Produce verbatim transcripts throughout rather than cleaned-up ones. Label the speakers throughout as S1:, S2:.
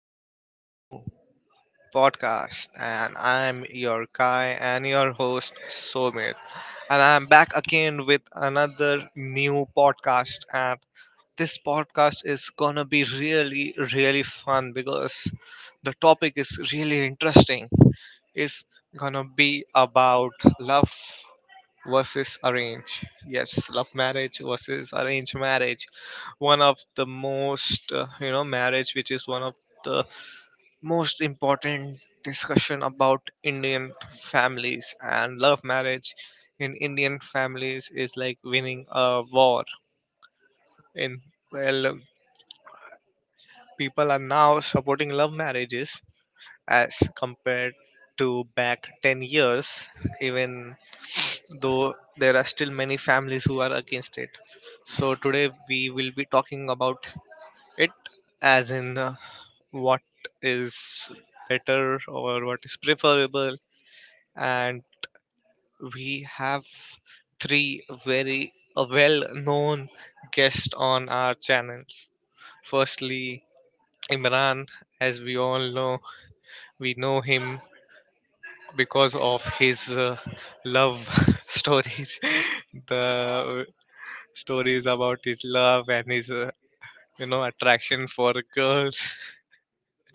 S1: brand new podcast. And I'm your guy and your host, Somit. And I'm back again with another new podcast. And this podcast is gonna be really, really fun because the topic is really interesting. It's gonna be about love versus arrange, yes, love marriage versus arranged marriage, one of the most uh, you know marriage which is one of the most important discussion about Indian families, and love marriage in Indian families is like winning a war in, well, people are now supporting love marriages as compared to back ten years, even though there are still many families who are against it. So today we will be talking about it, as in, uh, what is better or what is preferable, and we have three very uh, well known guests on our channels. Firstly, Imran, as we all know, we know him because of his uh, love stories. The stories about his love and his uh, you know attraction for girls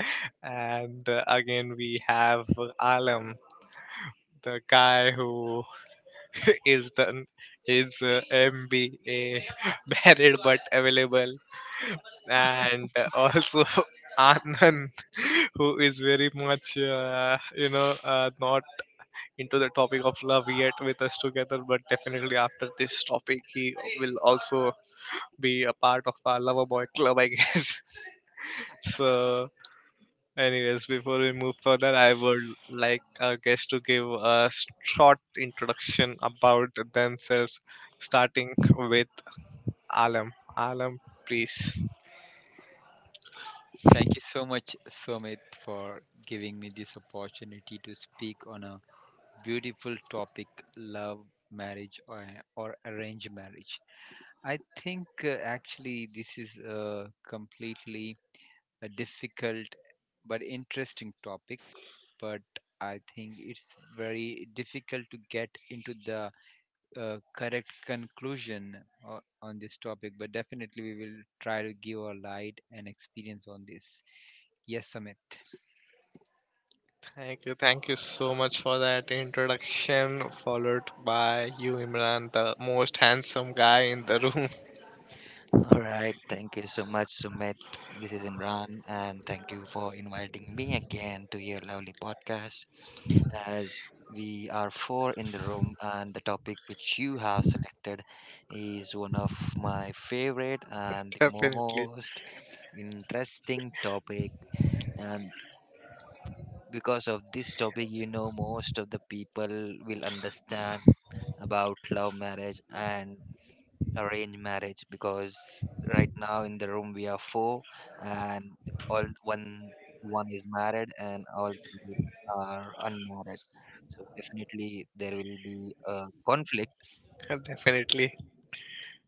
S1: and uh, again we have Alam, the guy who is the is uh, MBA married but available, and uh, also Anand who is very much uh, you know uh, not into the topic of love yet with us together, but definitely after this topic he will also be a part of our lover boy club, I guess. So, anyways, before we move further, I would like our guests to give a short introduction about themselves, starting with Alam. Alam, please.
S2: Thank you so much, Sumit, for giving me this opportunity to speak on a beautiful topic, love, marriage, or, or arranged marriage. I think uh, actually this is a completely a difficult but interesting topic, but I think it's very difficult to get into the uh, correct conclusion uh, on this topic, but definitely we will try to give our light and experience on this. Yes, Sumit.
S1: Thank you. Thank you so much for that introduction, followed by you, Imran, the most handsome guy in the room.
S3: All right, thank you so much, Sumit. This is Imran, and thank you for inviting me again to your lovely podcast. As we are four in the room, and the topic which you have selected is one of my favorite and the
S1: Definitely.
S3: most interesting topic. And because of this topic, you know, most of the people will understand about love marriage and arranged marriage because right now in the room we are four and all one one is married and all three are unmarried, so definitely there will be a conflict.
S1: Definitely.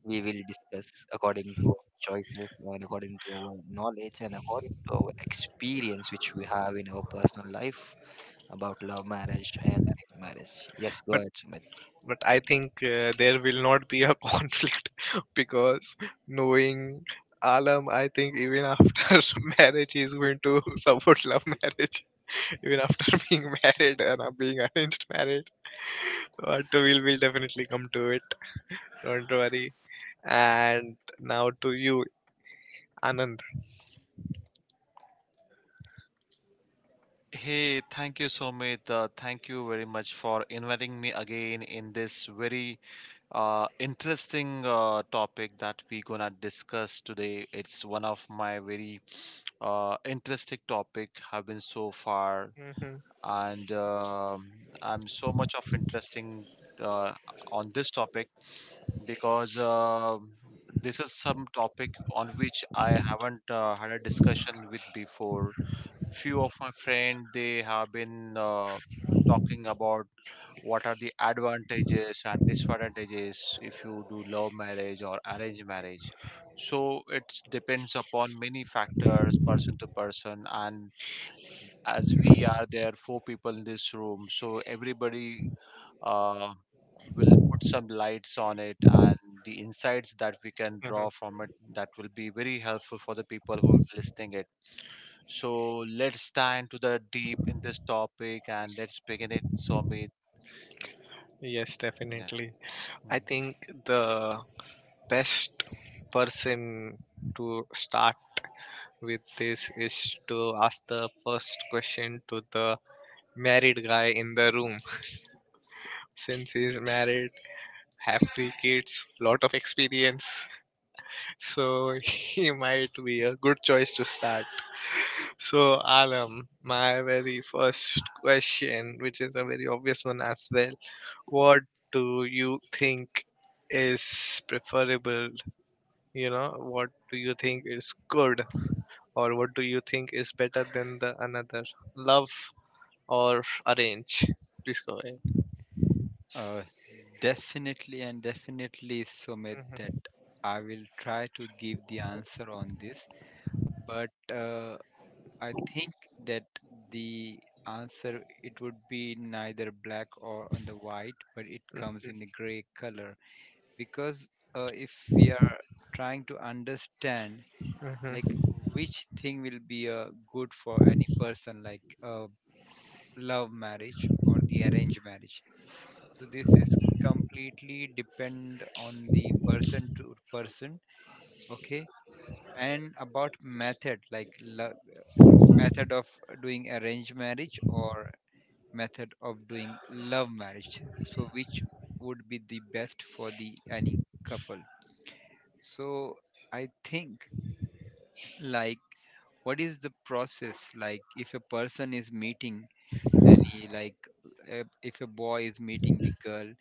S3: We will discuss according to our choices and according to our knowledge and according to our experience which we have in our personal life about love marriage and arranged marriage. Yes, go ahead, Sumit.
S1: But I think uh, there will not be a conflict because knowing Alam, I think even after marriage, he's going to support love marriage. Even after being married and uh, being arranged marriage, but we'll will definitely come to it. Don't worry. And now to you, Anand.
S4: Hey, thank you, Sumit. Uh, thank you very much for inviting me again in this very uh, interesting uh, topic that we're gonna discuss today. It's one of my very uh, interesting topic have been so far,
S1: Hmm.
S4: and um I'm so much of interesting uh, on this topic because uh, this is some topic on which I haven't uh, had a discussion with before. Few of my friends they have been uh, talking about what are the advantages and disadvantages if you do love marriage or arrange marriage. So it depends upon many factors person to person, and as we are there four people in this room, so everybody uh, will put some lights on it, and the insights that we can draw from it, that will be very helpful for the people who are listening it. So let's dive into the deep in this topic and let's begin it, Somit.
S1: Yes,
S4: Yeah.
S1: definitely. I
S4: Mm.
S1: think the best person to start with this is to ask the first question to the married guy in the room. Since he's married, have three kids, lot of experience, so he might be a good choice to start. So, Alam, my very first question, which is a very obvious one as well, what do you think is preferable, you know, what do you think is good, or what do you think is better than the another, love or arrange? Please go ahead.
S2: Uh, Definitely and definitely, Sumit, that
S1: Mhm,
S2: I will try to give the answer on this. But uh, I think that the answer, it would be neither black or on the white, but it comes in the gray color, because uh, if we are trying to understand like
S1: mhm,
S2: which thing will be uh, good for any person, like uh, love marriage or the arranged marriage, so this is completely depend on the person to person, okay? And about method, like lo- method of doing arranged marriage or method of doing love marriage. So which would be the best for the any couple? So I think, like, what is the process, like if a person is meeting any, like uh, if a boy is meeting the girl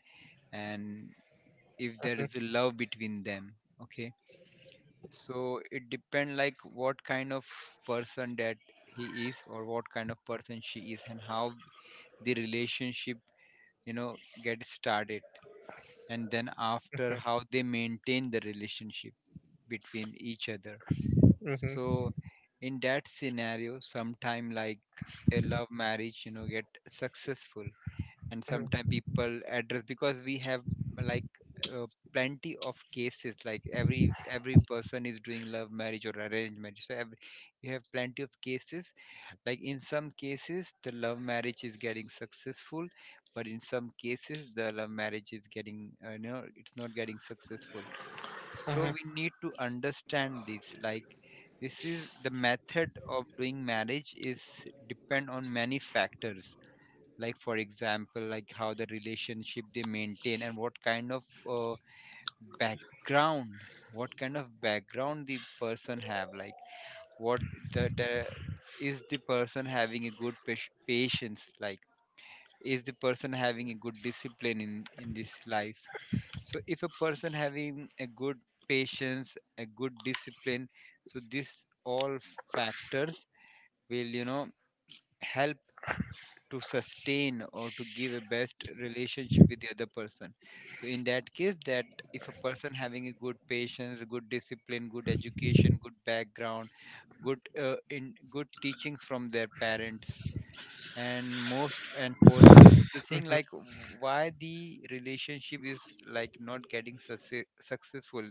S2: and if there is a love between them, okay, so it depend like what kind of person that he is or what kind of person she is, and how the relationship, you know, get started, and then after, how
S1: mhm,
S2: they maintain the relationship between each other.
S1: mhm,
S2: So in that scenario, sometime, like, a love marriage, you know, get successful, and sometimes people address, because we have, like, uh, plenty of cases. Like every every person is doing love marriage or arranged marriage, so every, you have plenty of cases, like in some cases the love marriage is getting successful, but in some cases the love marriage is getting, uh, you know, it's not getting successful. So
S1: mhm,
S2: we need to understand this like, this is the method of doing marriage is depend on many factors, like, for example, like how the relationship they maintain, and what kind of uh, background, what kind of background the person have. Like what, the, the is the person having a good pas- patience, like is the person having a good discipline in in this life. So if a person having a good patience, a good discipline, so this all factors will, you know, help to sustain or to give a best relationship with the other person. So in that case, that if a person having a good patience, good discipline, good education, good background, good, uh, in good teachings from their parents, and most and foremost of the thing,
S1: mhm,
S2: like, why the relationship is, like, not getting succe- successful,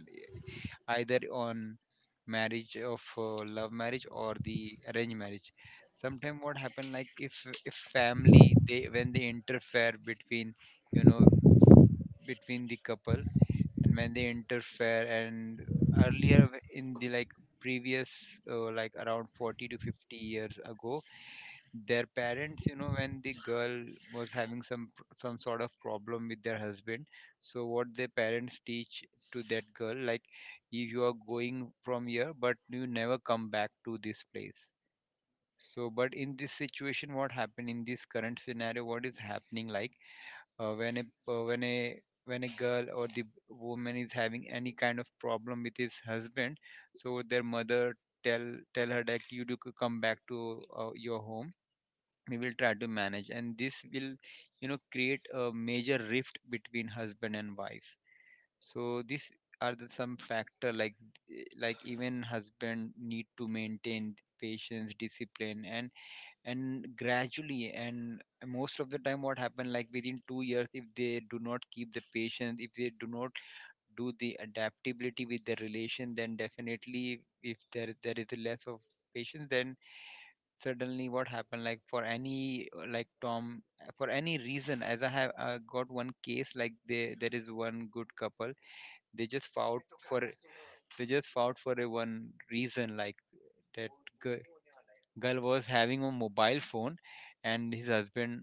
S2: either on marriage of uh, love marriage or the arranged marriage. Sometimes what happen, like, if if family, they, when they interfere between, you know, between the couple, and when they interfere, and earlier, w- in the like previous, uh, like around forty to fifty years ago, their parents, you know, when the girl was having some pr- some sort of problem with their husband, so what their parents teach to that girl, like, if you are going from here, but you never come back to this place. So but in this situation, what happened, in this current scenario, what is happening, like, uh, when a uh, when a when a girl or the woman is having any kind of problem with his husband, so their mother tell tell her that, you do c- come back to uh, your home, we will try to manage, and this will, you know, create a major rift between husband and wife. So these are the some factor, like, eh, like, even husband need to maintain patience, discipline, and and gradually, and most of the time what happen, like, within two years, if they do not keep the patience, if they do not do the adaptability with the relation, then definitely, if there there is a less of patience, then suddenly what happened, like, for any, uh, like tom for any reason, as I have uh, got one case, like, they, there is one good couple, they just fought for a- they just fought for a one reason, like that girl, girl was having a mobile phone, and his husband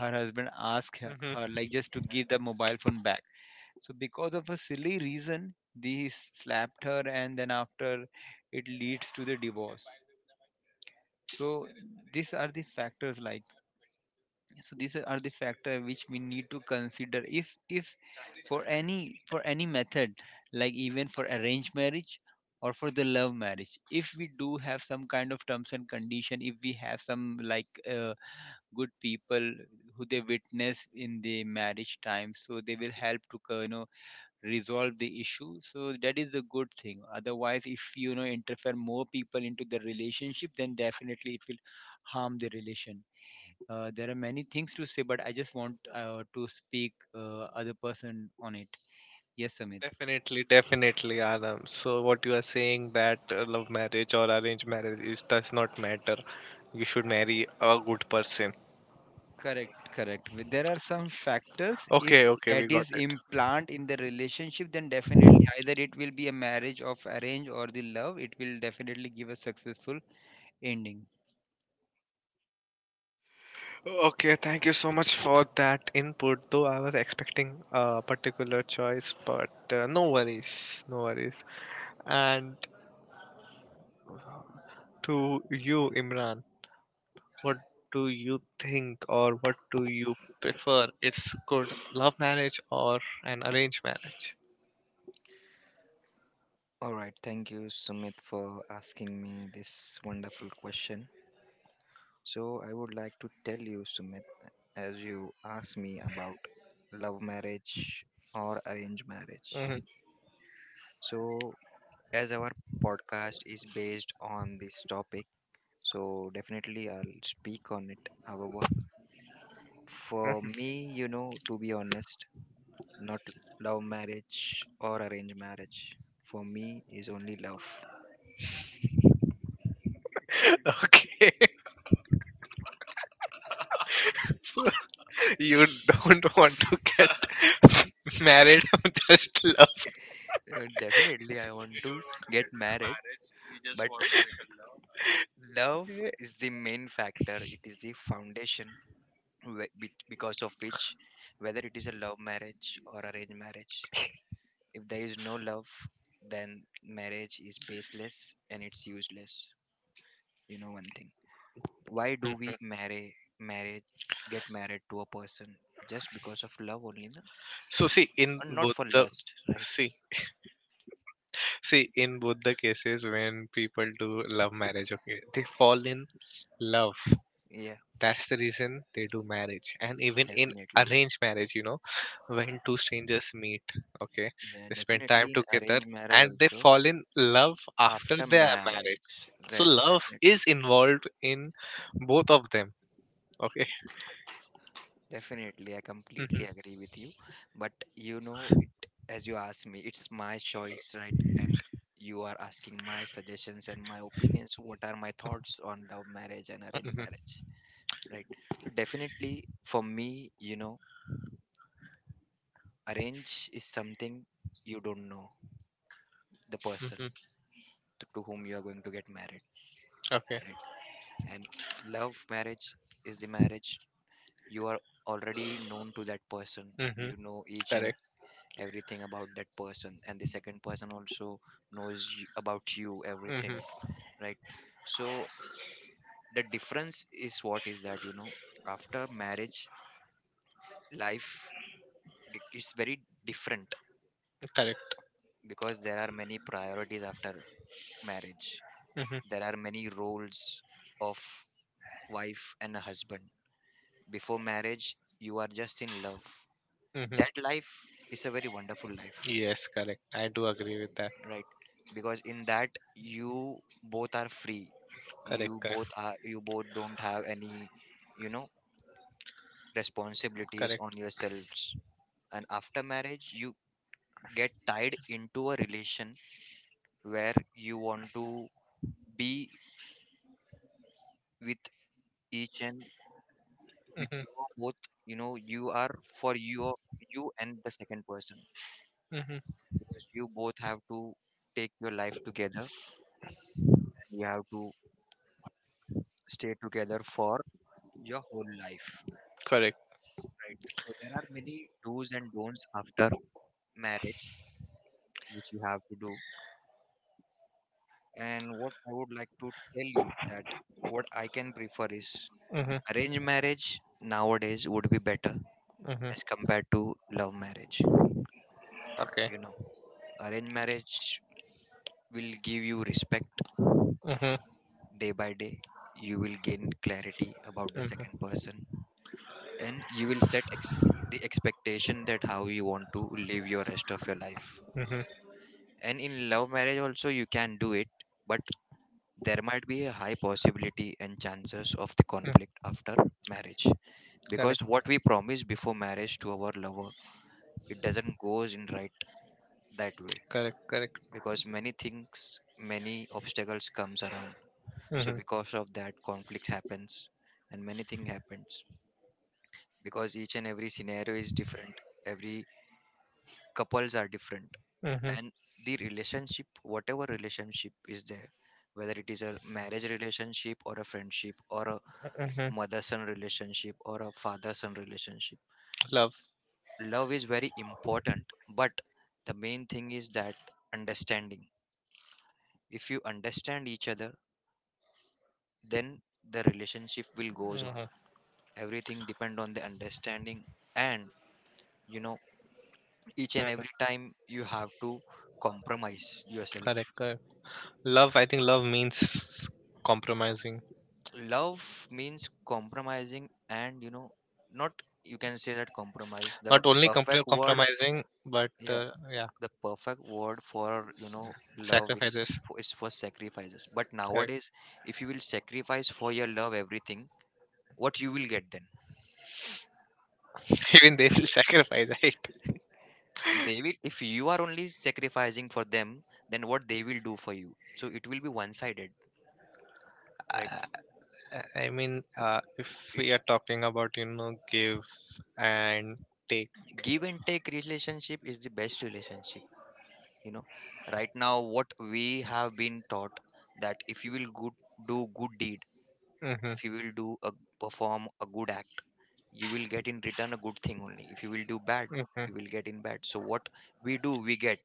S2: her husband asked her,
S1: mhm.
S2: her like, just to give the mobile phone back. So because of a silly reason, they slapped her, and then after, it leads to the divorce. So these are the factors, like, so these are the factor which we need to consider, if if for any for any method, like, even for arranged marriage or for the love marriage, if we do have some kind of terms and condition, if we have some, like, uh, good people who they witness in the marriage time, so they will help to co- you know, resolve the issue. So that is a good thing, otherwise, if, you know, interfere more people into the relationship, then definitely it will harm the relation. Uh, there are many things to say, but I just want uh, to speak uh, other person on it. Yes, Amit.
S1: Definitely, definitely, Adam. So, what you are saying that uh, love marriage or arranged marriage is does not matter. You should marry a good person.
S2: Correct, correct. With- There are some factors. If
S1: Okay, okay, we
S2: that
S1: got
S2: is
S1: it.
S2: implant in the relationship, then definitely either it will be a marriage of arrange or the love. It will definitely give a successful ending.
S1: Okay, thank you so much for that input. Though I was expecting a particular choice, but uh, no worries, no worries. And to you, Imran. What do you think, or what do you prefer? It's good, love marriage or an arranged marriage?
S3: All right, thank you, Sumit, for asking me this wonderful question. So, I would like to tell you, Sumit, as you asked me about love marriage or arranged marriage.
S1: Mhm.
S3: So, as our podcast is based on this topic, so definitely I'll speak on it. However, for me, you know, to be honest, not love marriage or arranged marriage. For me, is only love.
S1: Okay. So you don't want to get married, just love.
S3: Uh, Definitely, I want to get married, but love is the main factor. It is the foundation whe- be- because of which, whether it is a love marriage or arranged marriage, if there is no love, then marriage is baseless and it's useless. You know one thing, why do we
S1: Mhm.
S3: marry marriage, get married to a person just because of love only, na?
S1: So see, in
S3: And not
S1: both
S3: for
S1: the,
S3: lust, right?
S1: see, see in both the cases, when people do love marriage, okay, they fall in love,
S3: Yeah,
S1: that's the reason they do marriage. And even in
S3: definitely.
S1: arranged marriage, you know, when two strangers meet, okay,
S3: Yeah,
S1: they spend time
S3: definitely, in
S1: together
S3: arranged marriage
S1: and they
S3: also,
S1: fall in love after
S3: after
S1: their marriage.
S3: marriage,
S1: So
S3: right,
S1: love
S3: definitely.
S1: is involved in both of them. Okay.
S3: Definitely, I completely
S1: Hmm.
S3: agree with you. But you know, it, as you asked me, it's my choice, right? And you are asking my suggestions and my opinions, what are my thoughts on love marriage and arranged
S1: Hmm.
S3: marriage, right? So definitely, for me, you know, arrange is something you don't know the person
S1: Hmm.
S3: to, to whom you are going to get married,
S1: Okay.
S3: right? And love marriage is the marriage you are already known to that person.
S1: Hmm.
S3: You know each and
S1: Correct.
S3: everything about that person and the second person also knows y- about you
S1: Hmm.
S3: everything, right? So the difference is, what is that, you know, after marriage life g- is very different
S1: Correct.
S3: because there are many priorities after marriage.
S1: Hmm.
S3: There are many roles of wife and a husband. Before marriage you are just in love,
S1: Hmm.
S3: that life is a very wonderful life,
S1: Yes, correct, I do agree with that.
S3: right? Because in that, you both are free.
S1: Correct,
S3: You
S1: correct.
S3: both are you both don't have any, you know, responsibilities on
S1: Correct.
S3: yourselves. And after marriage, you get tied into a relation where you want to be with each and with
S1: Hmm.
S3: you both, you know, you are for you, you and the second person.
S1: Hmm.
S3: Because you both have to take your life together. You have to stay together for your whole life.
S1: Correct.
S3: Right. So there are many do's and don'ts after marriage which you have to do. And what I would like to tell you, that what I can prefer is
S1: Hmm.
S3: arranged marriage nowadays would be better
S1: Hmm.
S3: as compared to love marriage.
S1: Okay.
S3: You know, arranged marriage will give you respect
S1: Hmm.
S3: day by day. You will gain clarity about the
S1: Hmm.
S3: second person, and you will set ex- the expectation that how you want to live your rest of your life.
S1: Hmm.
S3: And in love marriage also you can do it, but there might be a high possibility and chances of the conflict after marriage, because
S1: Correct.
S3: what we promise before marriage to our lover, it doesn't goes in right that way,
S1: Correct, correct.
S3: because many things, many obstacles comes around. So
S1: Mm-hmm,
S3: because of that, conflict happens and many thing happens because each and every scenario is different. Every couples are different,
S1: mm-hmm,
S3: and the relationship, whatever relationship is there, whether it is a marriage relationship or a friendship or a
S1: mm-hmm.
S3: mother son relationship or a father son relationship,
S1: Love.
S3: love is very important. But the main thing is that understanding. If you understand each other, then the relationship will goes on.
S1: Mm-hmm,
S3: Everything depend on the understanding, and, you know, each and every
S1: mm-hmm.
S3: time you have to compromise yourself.
S1: Correct, correct. Love, I think love means compromising.
S3: Love means compromising, and you know, not, you can say that compromise the
S1: Not only compre-
S3: perfect word,
S1: compromising, but
S3: yeah.
S1: uh, yeah,
S3: The perfect word for, you know, love is
S1: sacrifices.
S3: for, is for sacrifices. But
S1: Correct.
S3: nowadays, if you will sacrifice for your love everything, what you will get then?
S1: Even they will sacrifice, right?
S3: They will, if you are only sacrificing for them, then what they will do for you? So it will be one sided, right?
S1: Uh, I mean, uh, if we
S3: It's,
S1: are talking about, you know, give and take.
S3: give and take relationship is the best relationship. You know, right now what we have been taught, that if you will good, do good deed,
S1: Mm-hmm,
S3: if you will do a, perform a good act, you will get in return a good thing only. If you will do bad,
S1: mm-hmm,
S3: you will get in bad. So what we do, we get.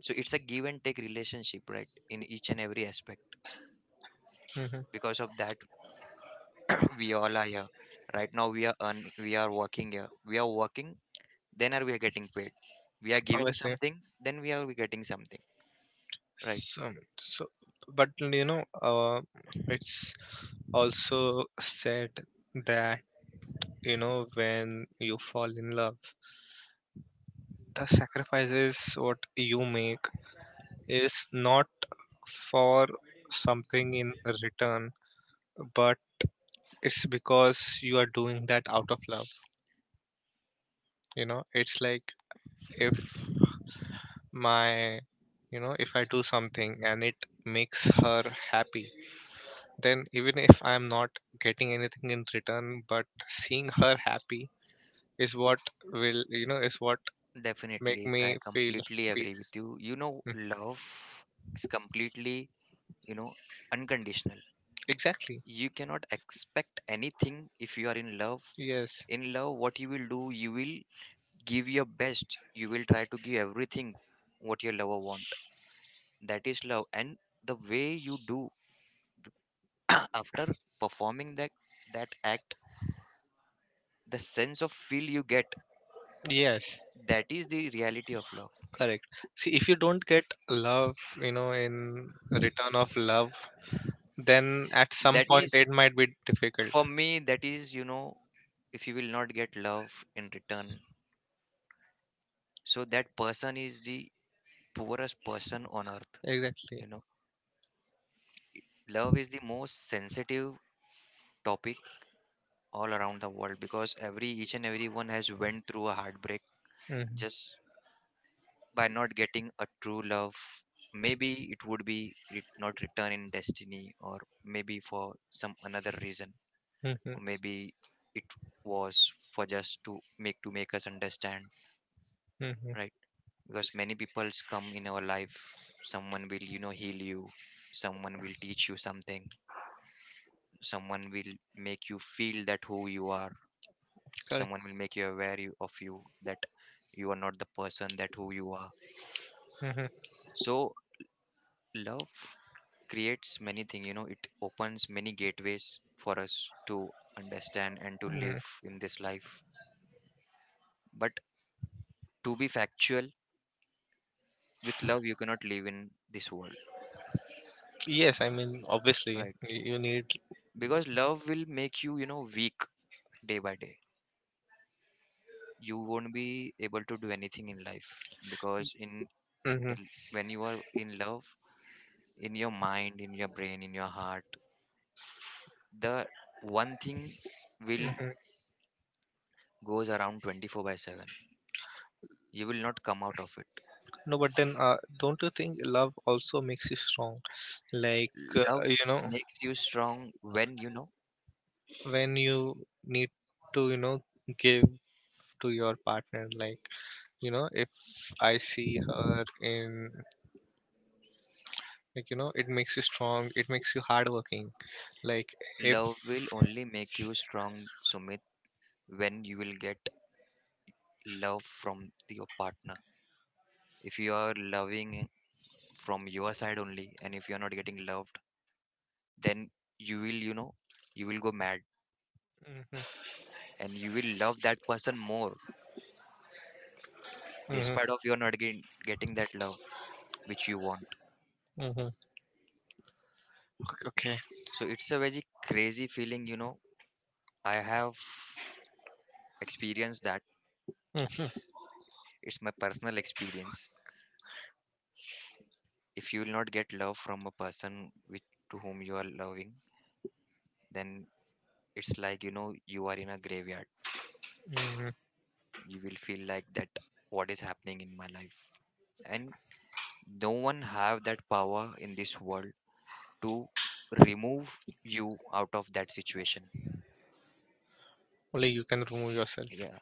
S3: So it's a give and take relationship, right, in each and every aspect.
S1: mm-hmm.
S3: Because of that we all are here. Right now we are earn, we are working here, we are working, then are we are getting paid. We are giving
S1: Obviously.
S3: something, then we are getting something, right?
S1: So, so, but, you know, uh, it's also said that, you know, when you fall in love, the sacrifices what you make is not for something in return, but it's because you are doing that out of love. You know, it's like, if my, you know, if I do something and it makes her happy, then even if I'm not getting anything in return, but seeing her happy is what will, you know, is what make
S3: Definitely,
S1: me
S3: I
S1: feel
S3: completely agree with
S1: peace.
S3: you. You know,
S1: Mm,
S3: love is completely, you know, unconditional.
S1: exactly.
S3: You cannot expect anything if you are in love.
S1: Yes,
S3: In love, what you will do, you will give your best. You will try to give everything what your lover want. That is love. And the way you do after performing that that act, the sense of feel you get,
S1: yes,
S3: that is the reality of love.
S1: correct. See, if you don't get love, you know, in return of love, then at some
S3: That
S1: point
S3: is,
S1: it might be difficult.
S3: for me that is, you know, if you will not get love in return, so that person is the poorest person on earth. You
S1: Exactly.
S3: know, love is the most sensitive topic all around the world, because every each and everyone has went through a heartbreak
S1: Mm-hmm,
S3: just by not getting a true love. Maybe it would be re- not return in destiny, or maybe for some another reason,
S1: hmm,
S3: or maybe it was for just to make to make us understand,
S1: hmm.
S3: right? Because many peoples come in our life. Someone will, you know, heal you, someone will teach you something, someone will make you feel that who you are,
S1: Correct.
S3: someone will make you aware you- of you, that you are not the person that who you are.
S1: Hmm,
S3: So love creates many things, you know, it opens many gateways for us to understand and to live
S1: hmm.
S3: in this life. But to be factual, with love you cannot live in this world,
S1: Yes, I mean, obviously,
S3: right?
S1: y- you need.
S3: Because love will make you, you know, weak day by day. You won't be able to do anything in life, because in
S1: Hmm,
S3: the
S1: hmm.
S3: l- when you are in love, in your mind, in your brain, in your heart, the one thing will goes around twenty four by seven. You will not come out of it.
S1: No, but then, uh, don't you think love also makes you strong? Like, uh,
S3: Love
S1: you know,
S3: makes you strong when you know,
S1: when you need to, you know, give to your partner, like, you know, if I see her in, like, you know, it makes you strong, it makes you hardworking, like if.
S3: love will only make you strong, Sumit, when you will get love from the- your partner. If you are loving from your side only, and if you are not getting loved, then you will, you know, you will go mad,
S1: Mhm,
S3: and you will love that person more
S1: mhm,
S3: despite of you're not getting getting that love which you want.
S1: mhm. Okay, okay.
S3: So it's a very crazy feeling, you know, I have experienced that.
S1: Mm,
S3: It's my personal experience. If you will not get love from a person with to whom you are loving, then it's like, you know, you are in a graveyard.
S1: mhm.
S3: You will feel like that, what is happening in my life. And no one have that power in this world to remove you out of that situation.
S1: Only you can remove yourself.
S3: Yeah,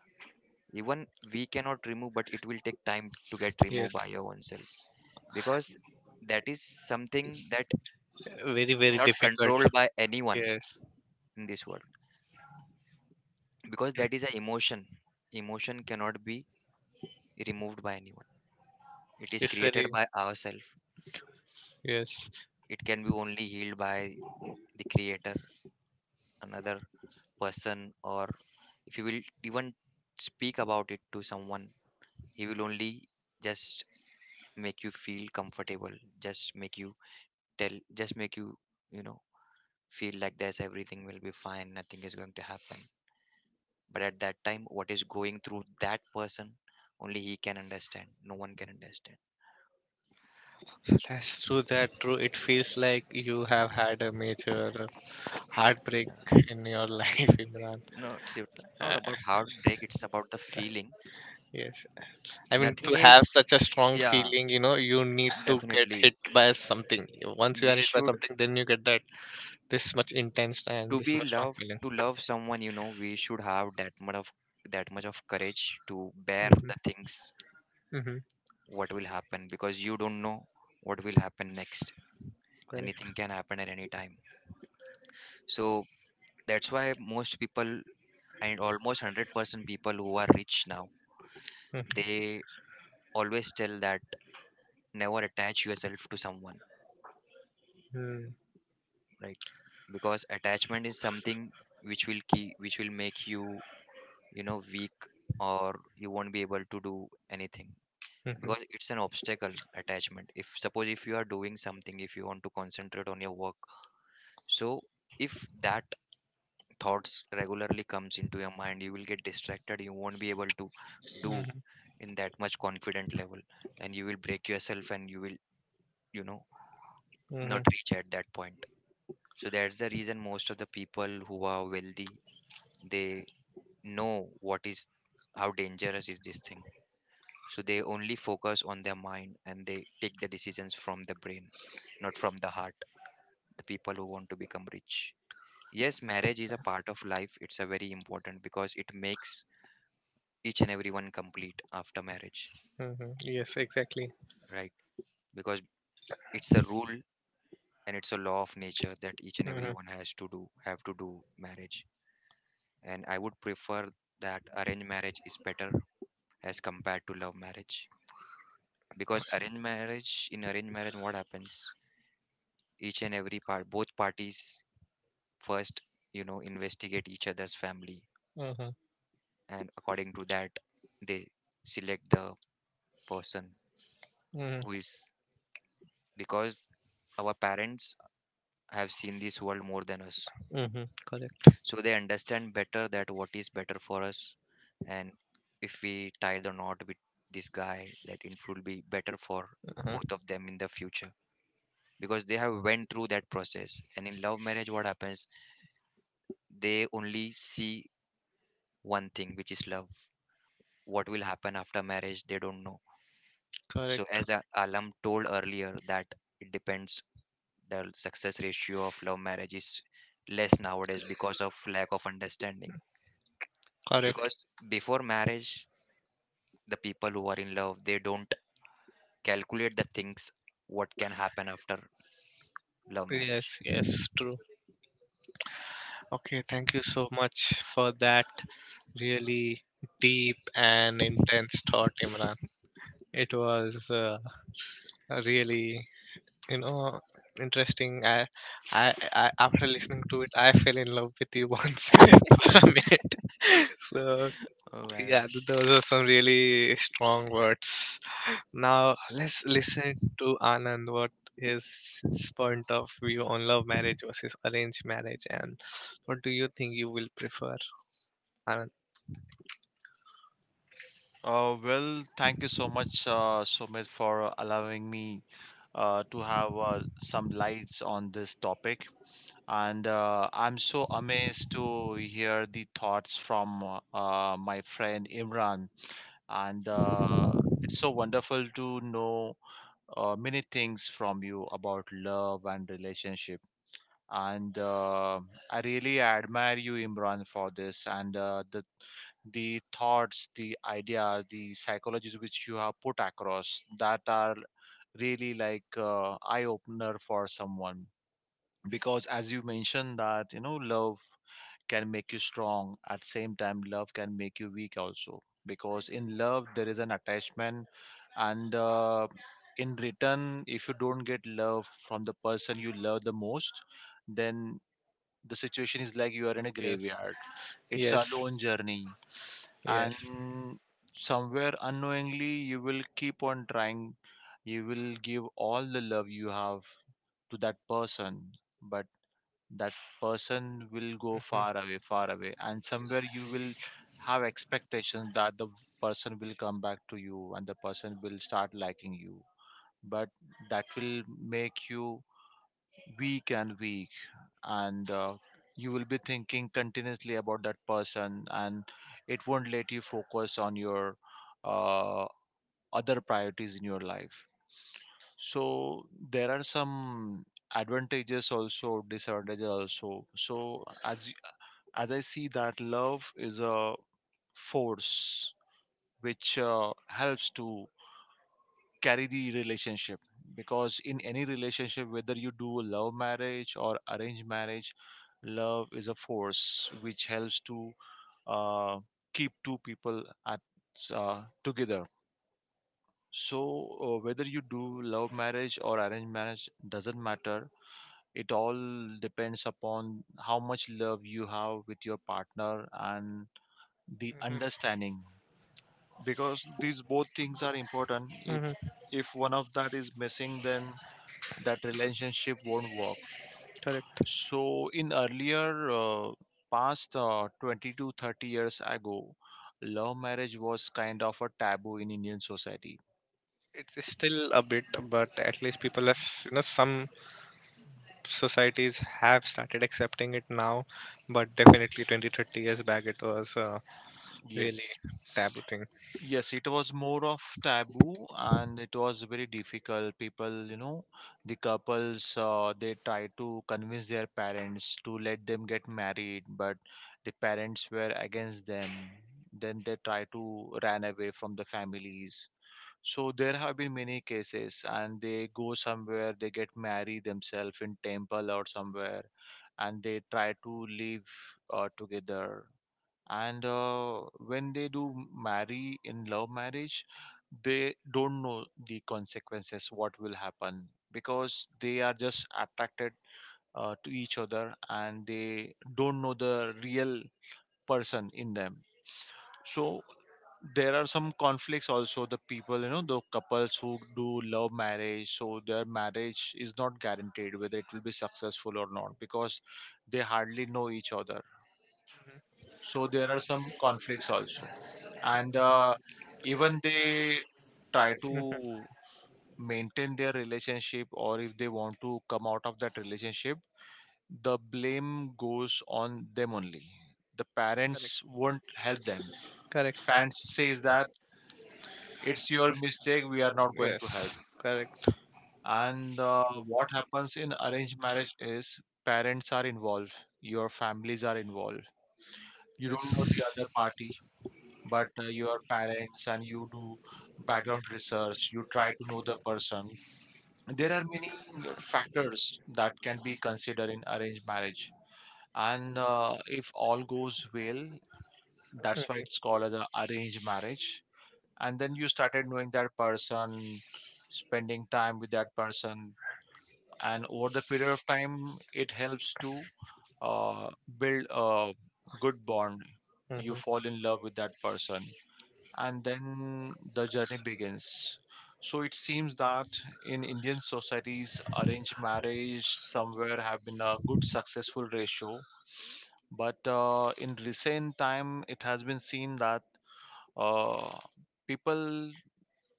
S3: even we cannot remove, but it will take time to get removed
S1: Yes,
S3: by your own self, because that is something that
S1: very very
S3: not
S1: difficult.
S3: controlled by anyone
S1: Yes,
S3: in this world. Because that is an emotion. Emotion cannot be removed by anyone, it is
S1: it's
S3: created
S1: very,
S3: by ourselves.
S1: yes.
S3: It can be only healed by the creator, another person, or if you will even speak about it to someone, he will only just make you feel comfortable, just make you tell just make you, you know, feel like there's everything will be fine, nothing is going to happen. But at that time, what is going through that person, only he can understand. No one can understand.
S1: That's true, that true. It feels like you have had a major heartbreak
S3: Yeah.
S1: in your life, Imran.
S3: No, it's it's not
S1: uh,
S3: about heartbreak, it's about the feeling.
S1: yes, I mean,
S3: Nothing
S1: to have
S3: is,
S1: such a strong
S3: yeah,
S1: feeling, you know, you need to get
S3: definitely.
S1: hit by something. Once you
S3: We
S1: are hit by
S3: should,
S1: something, then you get that this much intense and
S3: to
S1: this
S3: be
S1: much strong
S3: loved,
S1: feeling.
S3: to love someone, you know, we should have that much of, that much of courage to bear the things
S1: Mm-hmm.
S3: what will happen, because you don't know what will happen next. Anything
S1: Correct.
S3: can happen at any time. So that's why most people, and almost one hundred percent people who are rich now,
S1: Mm-hmm.
S3: they always tell that, never attach yourself to someone,
S1: Mm-hmm.
S3: right? Because attachment is something which will key, which will make you, you know, weak, or you won't be able to do anything because it's an obstacle attachment. If suppose if you are doing something, if you want to concentrate on your work, so if that thoughts regularly comes into your mind, you will get distracted, you won't be able to do
S1: Mm-hmm.
S3: in that much confident level, and you will break yourself and you will you know
S1: Mm-hmm.
S3: not reach at that point. So that's the reason most of the people who are wealthy, they know what is, how dangerous is this thing. So they only focus on their mind and they take the decisions from the brain, not from the heart, the people who want to become rich. Yes, marriage is a part of life, it's a very important because it makes each and every one complete after marriage,
S1: Mm-hmm. Yes, exactly.
S3: right? Because it's a rule and it's a law of nature that each and every
S1: Mm-hmm.
S3: one has to do, have to do marriage. And I would prefer that arranged marriage is better as compared to love marriage, because arranged marriage in arranged marriage what happens, each and every part both parties first you know investigate each other's family,
S1: Mm-hmm.
S3: and according to that they select the person
S1: Mm-hmm.
S3: who is because our parents have seen this world more than us.
S1: Mm-hmm. Correct.
S3: So they understand better that what is better for us. And if we tie the knot with this guy, that it will be better for
S1: Uh huh.
S3: both of them in the future because they have went through that process. And in love marriage, what happens? They only see one thing, which is love. What will happen after marriage, they don't know. So
S1: Correct.
S3: as A- Alam told earlier, that it depends. The success ratio of love marriage is less nowadays because of lack of understanding, because
S1: Correct.
S3: before marriage the people who are in love, they don't calculate the things what can happen after love marriage.
S1: Yes, yes, true. Okay, thank you so much for that really deep and intense thought, Imran. It was uh, really, you know, interesting. I, I, I, after listening to it, I fell in love with you once for a minute. So
S3: Oh my
S1: yeah,
S3: god.
S1: th- those are some really strong words. Now let's listen to Anand. What is his point of view on love marriage versus arranged marriage, and what do you think you will prefer, Anand?
S4: Uh, well, thank you so much, uh, Somit, for uh, allowing me uh, to have uh, some lights on this topic. And uh, I'm so amazed to hear the thoughts from uh, uh, my friend Imran. And uh, it's so wonderful to know uh, many things from you about love and relationship, and uh, I really admire you, Imran, for this. And uh, the the thoughts, the ideas, the psychologies which you have put across, that are really like uh, eye opener for someone, because as you mentioned that, you know, love can make you strong at same time love can make you weak also, because in love there is an attachment. And uh, in return if you don't get love from the person you love the most, then the situation is like you are in a
S1: Yes.
S4: graveyard. It's a
S1: Yes.
S4: lone journey, and
S1: Yes.
S4: somewhere unknowingly you will keep on trying. You will give all the love you have to that person, but that person will go
S1: Mhm.
S4: far away, far away, and somewhere you will have expectations that the person will come back to you and the person will start liking you, but that will make you weak and weak. And uh, you will be thinking continuously about that person, and it won't let you focus on your uh, other priorities in your life. So there are some advantages also, disadvantages also. So as y- as i see that love is a force which uh, helps to carry the relationship, because in any relationship whether you do a love marriage or arranged marriage, love is a force which helps to uh, keep two people at uh, together. So uh, whether you do love marriage or arranged marriage doesn't matter, it all depends upon how much love you have with your partner and the
S1: Mhm.
S4: understanding, because these both things are important. if
S1: Mhm.
S4: if one of that is missing then that relationship won't work.
S1: Correct.
S4: So in earlier uh, past uh, twenty to thirty years ago, love marriage was kind of a taboo in Indian society.
S1: It's still a bit, but at least people have, you know, some societies have started accepting it now, but definitely twenty, thirty years back, it was a yes really
S4: Yes.
S1: taboo thing.
S4: Yes, it was more of taboo, and it was very difficult. People, you know, the couples uh, they try to convince their parents to let them get married, but the parents were against them. Then they try to ran away from the families. So there have been many cases, and they go somewhere, they get married themselves in temple or somewhere, and they try to live uh, together. And uh, when they do marry in love marriage, they don't know the consequences, what will happen, because they are just attracted uh, to each other, and they don't know the real person in them. So there are some conflicts also. The people, you know, the couples who do love marriage, so their marriage is not guaranteed whether it will be successful or not, because they hardly know each other.
S1: So. Mhm.
S4: So there are some conflicts also. And uh, even they try
S1: Mm.
S4: to maintain their relationship, or if they want to come out of that relationship, the blame goes on them only. The parents won't help them.
S1: Correct.
S4: Parents says that it's your mistake, we are not going to help.
S1: Yes. Help. Correct.
S4: And uh, what happens in arranged marriage is parents are involved, your families are involved,
S1: You.
S4: you don't know
S1: Yes.
S4: the other party, but uh, your parents and you do background research, you try to know the person. There are many uh, factors that can be considered in arranged marriage, and uh, if all goes well, that's why it's called as a arranged marriage. And then you started knowing that person, spending time with that person, and over the period of time it helps to uh, build a good bond.
S1: Mhm.
S4: You fall in love with that person, and then the journey begins. So it seems that in Indian societies arranged marriage somewhere have been a good successful ratio, but uh, in recent time it has been seen that uh, people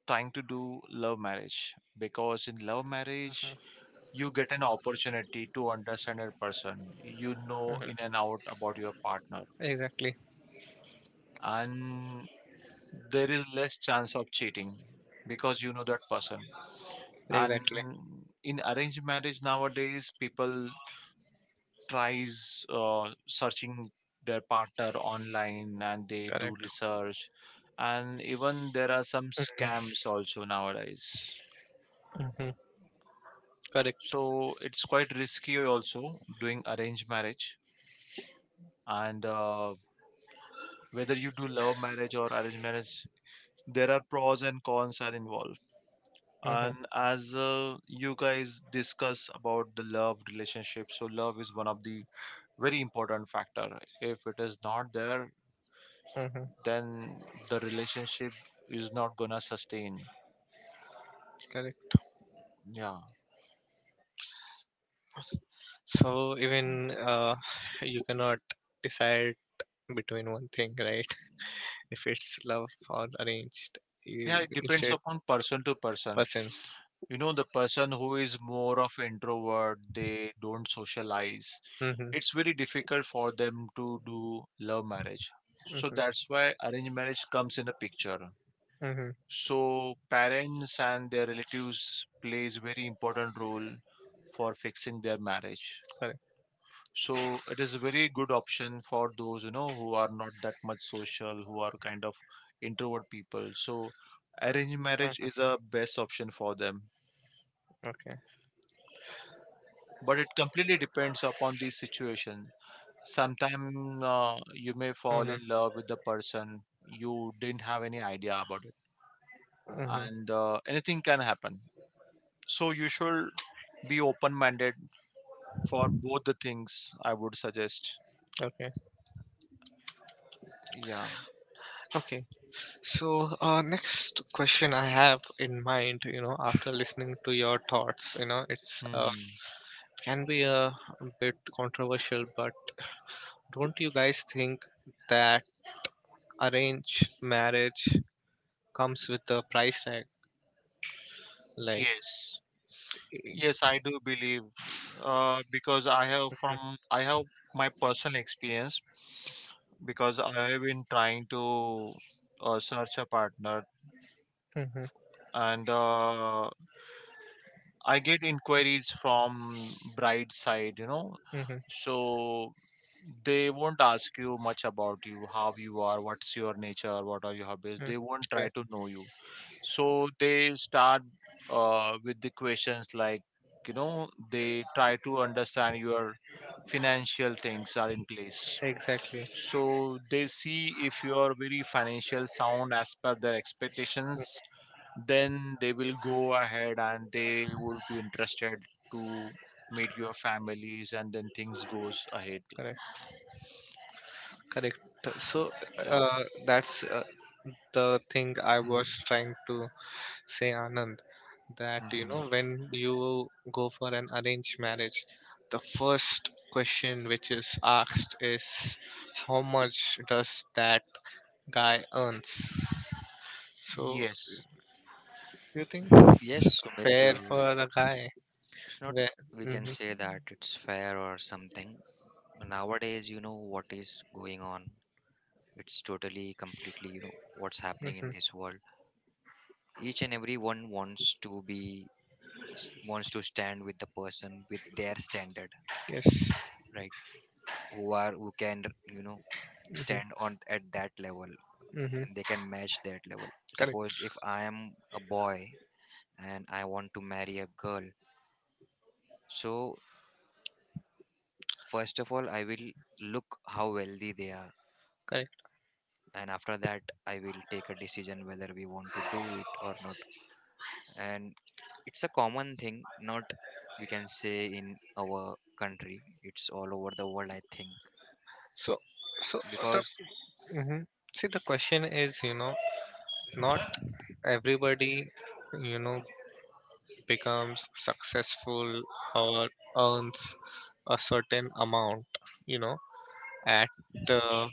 S4: trying to do love marriage, because in love marriage
S1: Mhm.
S4: you get an opportunity to understand a person, you know, in and out
S1: Mhm.
S4: about your partner,
S1: Exactly.
S4: and there is less chance of cheating, because you know that person. And
S1: Exactly.
S4: in arranged marriage nowadays people tries uh, searching their partner online and they do research, and even there are some scams
S1: Mm-hmm.
S4: also nowadays.
S1: Mm-hmm. Correct.
S4: So it's quite risky also doing arranged marriage. And uh, whether you do love marriage or arranged marriage, there are pros and cons are involved. And as uh, you guys discuss about the love relationship, so love is one of the very important factor. If it is not there,
S1: Mm-hmm.
S4: then the relationship is not gonna sustain.
S1: Correct.
S4: Yeah.
S1: So even uh, you cannot decide between one thing, right? If it's love or arranged,
S4: Yeah,
S1: yeah,
S4: it depends upon person to person.
S1: person.
S4: You know, the person who is more of introvert, they don't socialize,
S1: Mm-hmm.
S4: it's very difficult for them to do love marriage. So that's why arranged marriage comes in a picture.
S1: Mm-hmm.
S4: So parents and their relatives plays very important role for fixing their marriage.
S1: Correct.
S4: So it is a very good option for those, you know, who are not that much social, who are kind of introvert people. So arranged marriage is a best option for them.
S1: Okay.
S4: But it completely depends upon the situation. Sometimes uh, you may fall
S1: Mm-hmm.
S4: in love with the person you didn't have any idea about it,
S1: Mm-hmm.
S4: and uh, anything can happen. So you should be open-minded for both the things. I would suggest.
S1: I. Okay.
S4: Yeah.
S1: Okay. So, uh, next question I have in mind, you know, after listening to your thoughts, you know, it's uh,
S4: Hmm.
S1: can be a bit controversial, but don't you guys think that arranged marriage comes with a price tag? Like,
S4: Yes.
S1: yes,
S4: Yes, I do believe uh, because I have from I have my personal experience, because I have been trying to uh, search a partner,
S1: mm-hmm.
S4: and uh, I get inquiries from bride side, you know.
S1: Mm-hmm.
S4: So they won't ask you much about you, how you are, what's your nature, what are your hobbies.
S1: Mm,
S4: They won't try
S1: right.
S4: to know you. So they start uh, with the questions like, you know, they try to understand your financial things are in place.
S1: Exactly.
S4: So they see if you are very financial sound as per their
S1: Mm.
S4: expectations, then they will go ahead and they would be interested to meet your families and then things goes ahead.
S1: Correct. Correct. So
S4: Yeah.
S1: uh, that's uh, the thing I
S4: Mm.
S1: was trying to say, Anand, that you
S4: Mhm.
S1: know, when you go for an arranged marriage, the first question which is asked is how much does that guy earns? So
S4: Yes.
S1: do you think
S3: Yes,
S1: it's
S3: Sumit,
S1: fair
S3: uh,
S1: for a guy?
S3: it's not,
S1: Where,
S3: we can
S1: mm-hmm,
S3: say that it's fair or something. Nowadays you know what is going on, it's totally, completely, you know what's happening
S1: mm-hmm,
S3: in this world. Each and every one wants to be wants to stand with the person with their standard,
S1: yes.
S3: right? Who are who can you know
S1: Mm-hmm,
S3: stand on at that level
S1: mm-hmm,
S3: and they can match that level.
S1: correct.
S3: Suppose if I am a boy and I want to marry a girl, so first of all, I will look how wealthy they are,
S1: Correct.
S3: and after that, I will take a decision whether we want to do it or not. And it's a common thing, not, we can say, in our country, it's all over the world, I think.
S1: So, so the,
S3: Because,
S1: hmm. See, the question is, you know, not everybody, you know, becomes successful or earns a certain amount, you know, at uh,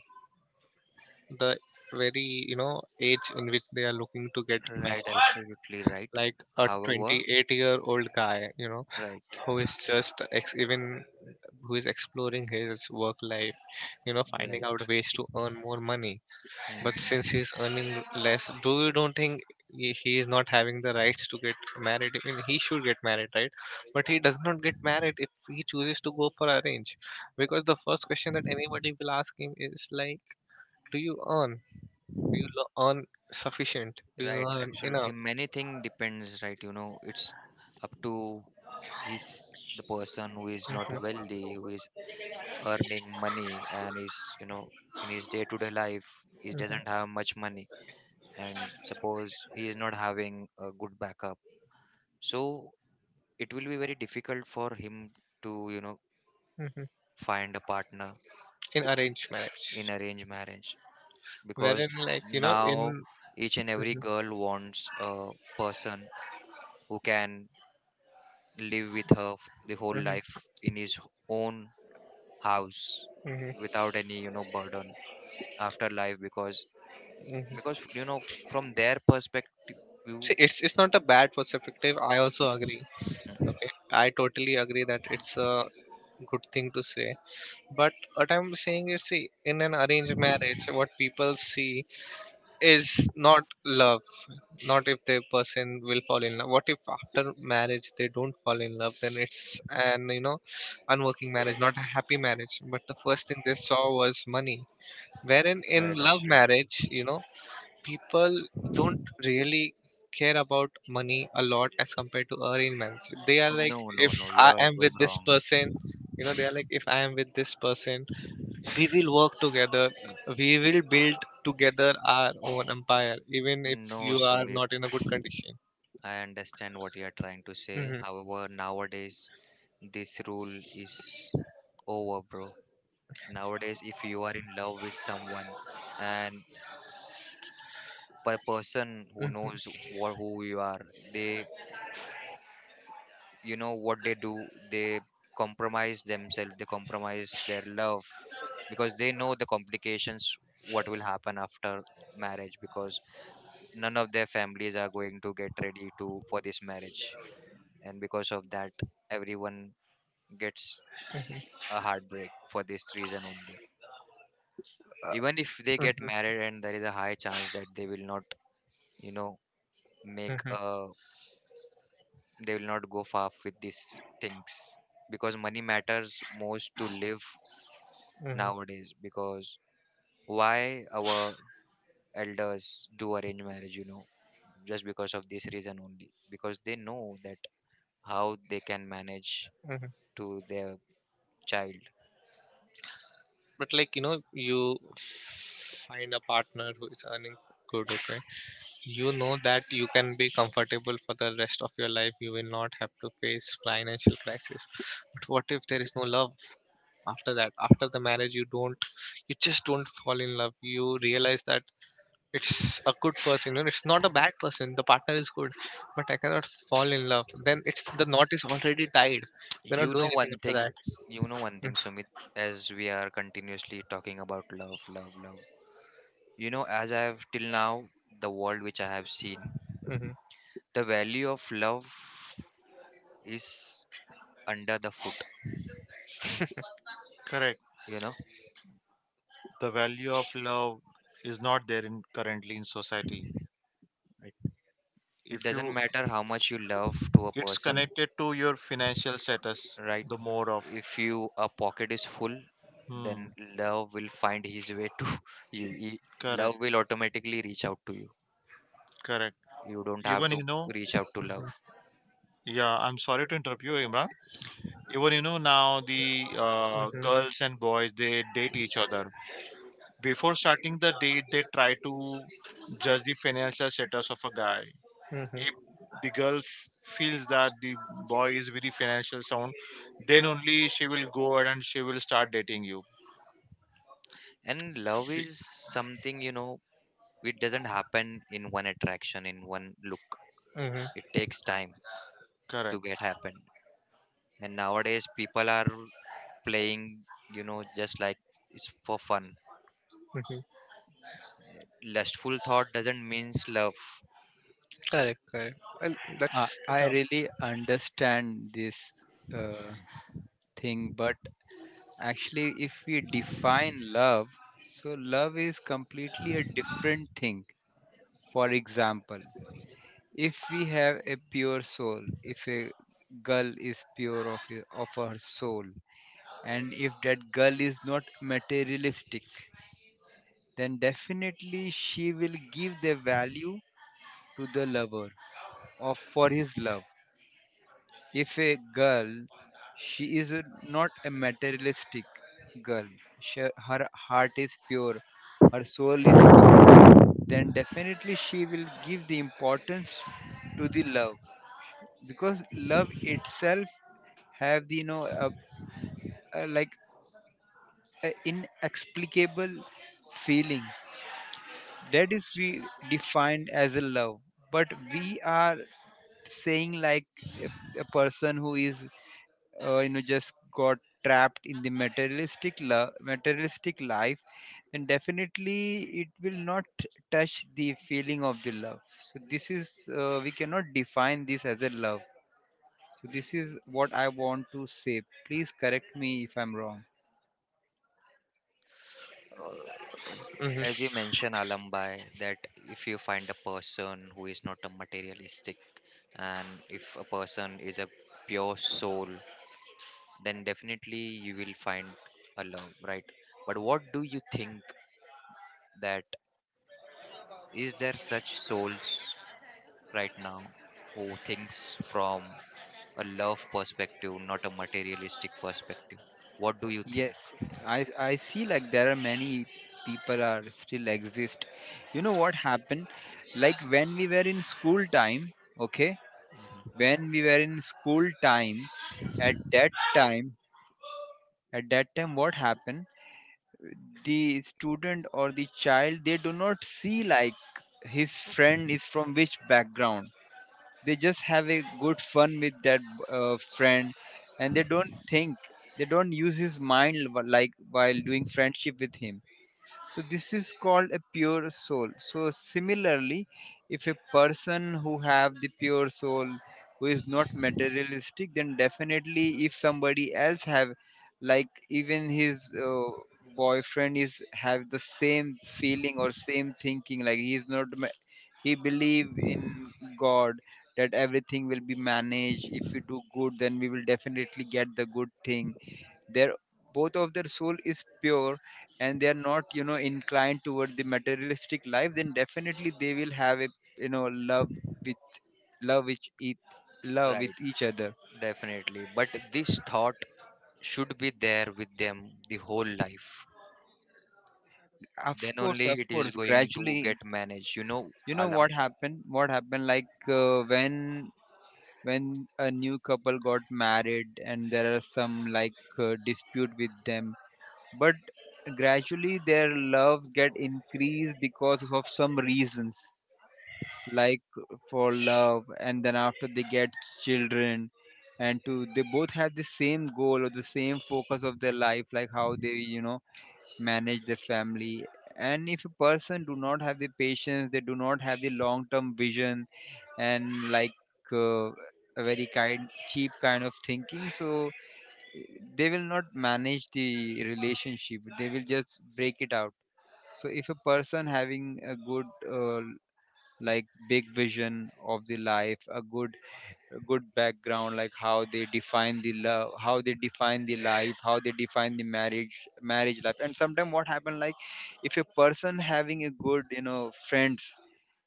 S1: the very, you know, age in which they are looking to get
S3: right,
S1: married.
S3: absolutely right.
S1: Like a
S3: However,
S1: twenty-eight-year-old guy, you know,
S3: right,
S1: who is just ex- even who is exploring his work life, you know, finding out
S3: right.
S1: ways to earn more money. But since
S3: Mhm.
S1: he's earning less, do you don't think he he is not having the rights to get married? I mean, he should get married, right? But he does not get married if he chooses to go for arrange, because the first question that anybody will ask him is like, "Do you earn? Do you lo- earn sufficient? Do you
S3: Right,
S1: earn
S3: absolutely.
S1: enough?"
S3: Many thing depends, right? You know, it's up to his the person who is not
S1: Hmm.
S3: wealthy, who is earning money and is, you know, in his day-to-day life, he
S1: Hmm.
S3: doesn't have much money. And suppose he is not having a good backup. So it will be very difficult for him to, you know,
S1: Hmm.
S3: find a partner
S1: In arranged
S3: in
S1: marriage,
S3: arranged marriage, because
S1: wherein like you know
S3: now
S1: in.
S3: each and every girl wants a person who can live with her f- the whole
S1: Hmm.
S3: life in his own house
S1: Hmm.
S3: without any you know burden after life, because because
S1: Hmm.
S3: you know from their perspective you
S1: See, it's it's not a bad perspective. I also agree. Okay, I totally agree that it's a good thing to say, but what I'm saying is, see, in an arranged marriage what people see is not love, not if the person will fall in love. What if after marriage they don't fall in love? Then it's an, you know, unworking marriage, not a happy marriage, but the first thing they saw was money. Wherein in
S3: right,
S1: love
S3: absolutely.
S1: marriage, you know, people don't really care about money a lot as compared to earning managers. They are like,
S3: No, no,
S1: if
S3: no, you
S1: I
S3: are
S1: am with
S3: going
S1: this
S3: wrong.
S1: person, you know, they are like, if I am with this person, we will work together. We will build together our own empire, even if
S3: No,
S1: you are
S3: Sumit,
S1: not in a good condition.
S3: I understand what you are trying to say,
S1: Hmm,
S3: however nowadays this rule is over, bro. Nowadays if you are in love with someone, and per person who
S1: hmm.
S3: knows what, who you are, they, you know what they do, they compromise themselves, they compromise their love, because they know the complications what will happen after marriage, because none of their families are going to get ready to for this marriage. And because of that, everyone gets a heartbreak for this reason only. Even if they get married, and there is a high chance that they will not you know make
S1: Mhm,
S3: a they will not go far with these things, because money matters most to live
S1: mhm,
S3: nowadays, because why our elders do arrange marriage, you know, just because of this reason only. Because they know that how they can manage
S1: mhm.
S3: to their child.
S1: But like you know, you find a partner who is earning good, okay, you know that you can be comfortable for the rest of your life. You will not have to face financial crisis, but what if there is no love after that? After the marriage you don't, you just don't fall in love. You realize that it's a good person, you know, it's not a bad person, the partner is good, but I cannot fall in love. Then it's, the knot is already tied, you cannot
S3: You
S1: do
S3: know
S1: anything
S3: one
S1: after
S3: thing,
S1: that.
S3: s- you know one thing, Sumit, as we are continuously talking about love, love, love. You know, as I have till now, the world which I have seen,
S1: Hmm.
S3: the value of love is under the foot,
S4: Correct.
S3: you know.
S4: The value of love is not there in currently in society.
S3: It it
S4: If
S3: doesn't
S4: you,
S3: matter how much you love to a
S4: it's
S3: person,
S4: connected to your financial status.
S3: right.
S4: The more of,
S3: If you a pocket is full, then
S4: hmm,
S3: love will find his way to you. He- love
S4: correct,
S3: will automatically reach out to you,
S4: correct.
S3: you don't have
S4: Even
S3: to
S4: you know,
S3: reach out to love.
S4: yeah. I'm sorry to interrupt you, Imran. Even you know now the uh, girls and boys they date each other. Before starting the date they try to judge the financial status of a guy.
S1: Hmm. Hmm.
S4: If the girl f- feels that the boy is very financial sound, then only she will go ahead and she will start dating you.
S3: And love
S4: Be-
S3: is something you know it doesn't happen in one attraction in one look.
S1: Mhm.
S3: It takes time to
S4: Correct.
S3: get happened. And nowadays people are playing you know just like it's for fun.
S1: Mhm.
S3: Lustful thought doesn't means love.
S1: Correct. Correct. Well,
S2: I,
S1: that's
S2: I
S1: enough.
S2: really understand this uh, thing, but actually, if we define love, so love is completely a different thing. For example, if we have a pure soul, if a girl is pure of, her- of her soul, and if that girl is not materialistic, then definitely she will give the value to the lover, or for his love. If a girl, she is a, not a materialistic girl, she, her heart is pure, her soul is pure, then definitely she will give the importance to the love, because love itself have the, you know, uh, uh, like uh, inexplicable feeling, that is we defined as a love. But we are saying, like, a, a person who is, uh, you know, just got trapped in the materialistic love, materialistic life, then definitely it will not touch the feeling of the love. So this is, uh, we cannot define this as a love. So this is what I want to say, please correct me if I'm wrong.
S1: Hmm.
S3: As you mentioned, Alambai, that if you find a person who is not a materialistic and if a person is a pure soul, then definitely you will find a love, right? But what do you think that is there such souls right now who thinks from a love perspective, not a materialistic perspective? What do you
S2: Yes,
S3: think?
S2: I I see like there are many people are still exist. You know what happened? Like when we were in school time, okay?
S3: Mhm.
S2: When we were in school time, at that time, at that time what happened? The student or the child, they do not see like his friend is from which background, they just have a good fun with that uh, friend, and they don't think, they don't use his mind, wh- like, while doing friendship with him. So this is called a pure soul. So similarly, if a person who have the pure soul, who is not materialistic, then definitely if somebody else have, like, even his uh, boyfriend is have the same feeling or same thinking, like, he is not ma- he believe in god, that everything will be managed, if we do good, then we will definitely get the good thing, their, both of their soul is pure, and they are not, you know, inclined toward the materialistic life, then definitely they will have a, you know, love with love which each love
S3: Right,
S2: with each other.
S3: definitely. But this thought should be there with them the whole life,
S2: Of
S3: then
S2: course
S3: only
S2: of
S3: it is
S2: course
S3: going to
S2: gradually,
S3: get managed you know
S2: you know, what
S3: Alam.
S2: happened what happened like, uh, when when a new couple got married, and there are some, like, uh, dispute with them, but gradually their loves get increased because of some reasons, like, for love, and then after, they get children, and to, they both have the same goal or the same focus of their life, like how they, you know, manage their family. And if a person do not have the patience, they do not have the long term vision, and like, uh, a very kind, cheap kind of thinking, so, eh, they will not manage the relationship, they will just break it out. So if a person having a good, uh, like, big vision of the life, a good a good background, like how they define the love, how they define the life, how they define the marriage marriage life. And sometimes what happen, like, if a person having a good, you know, friends,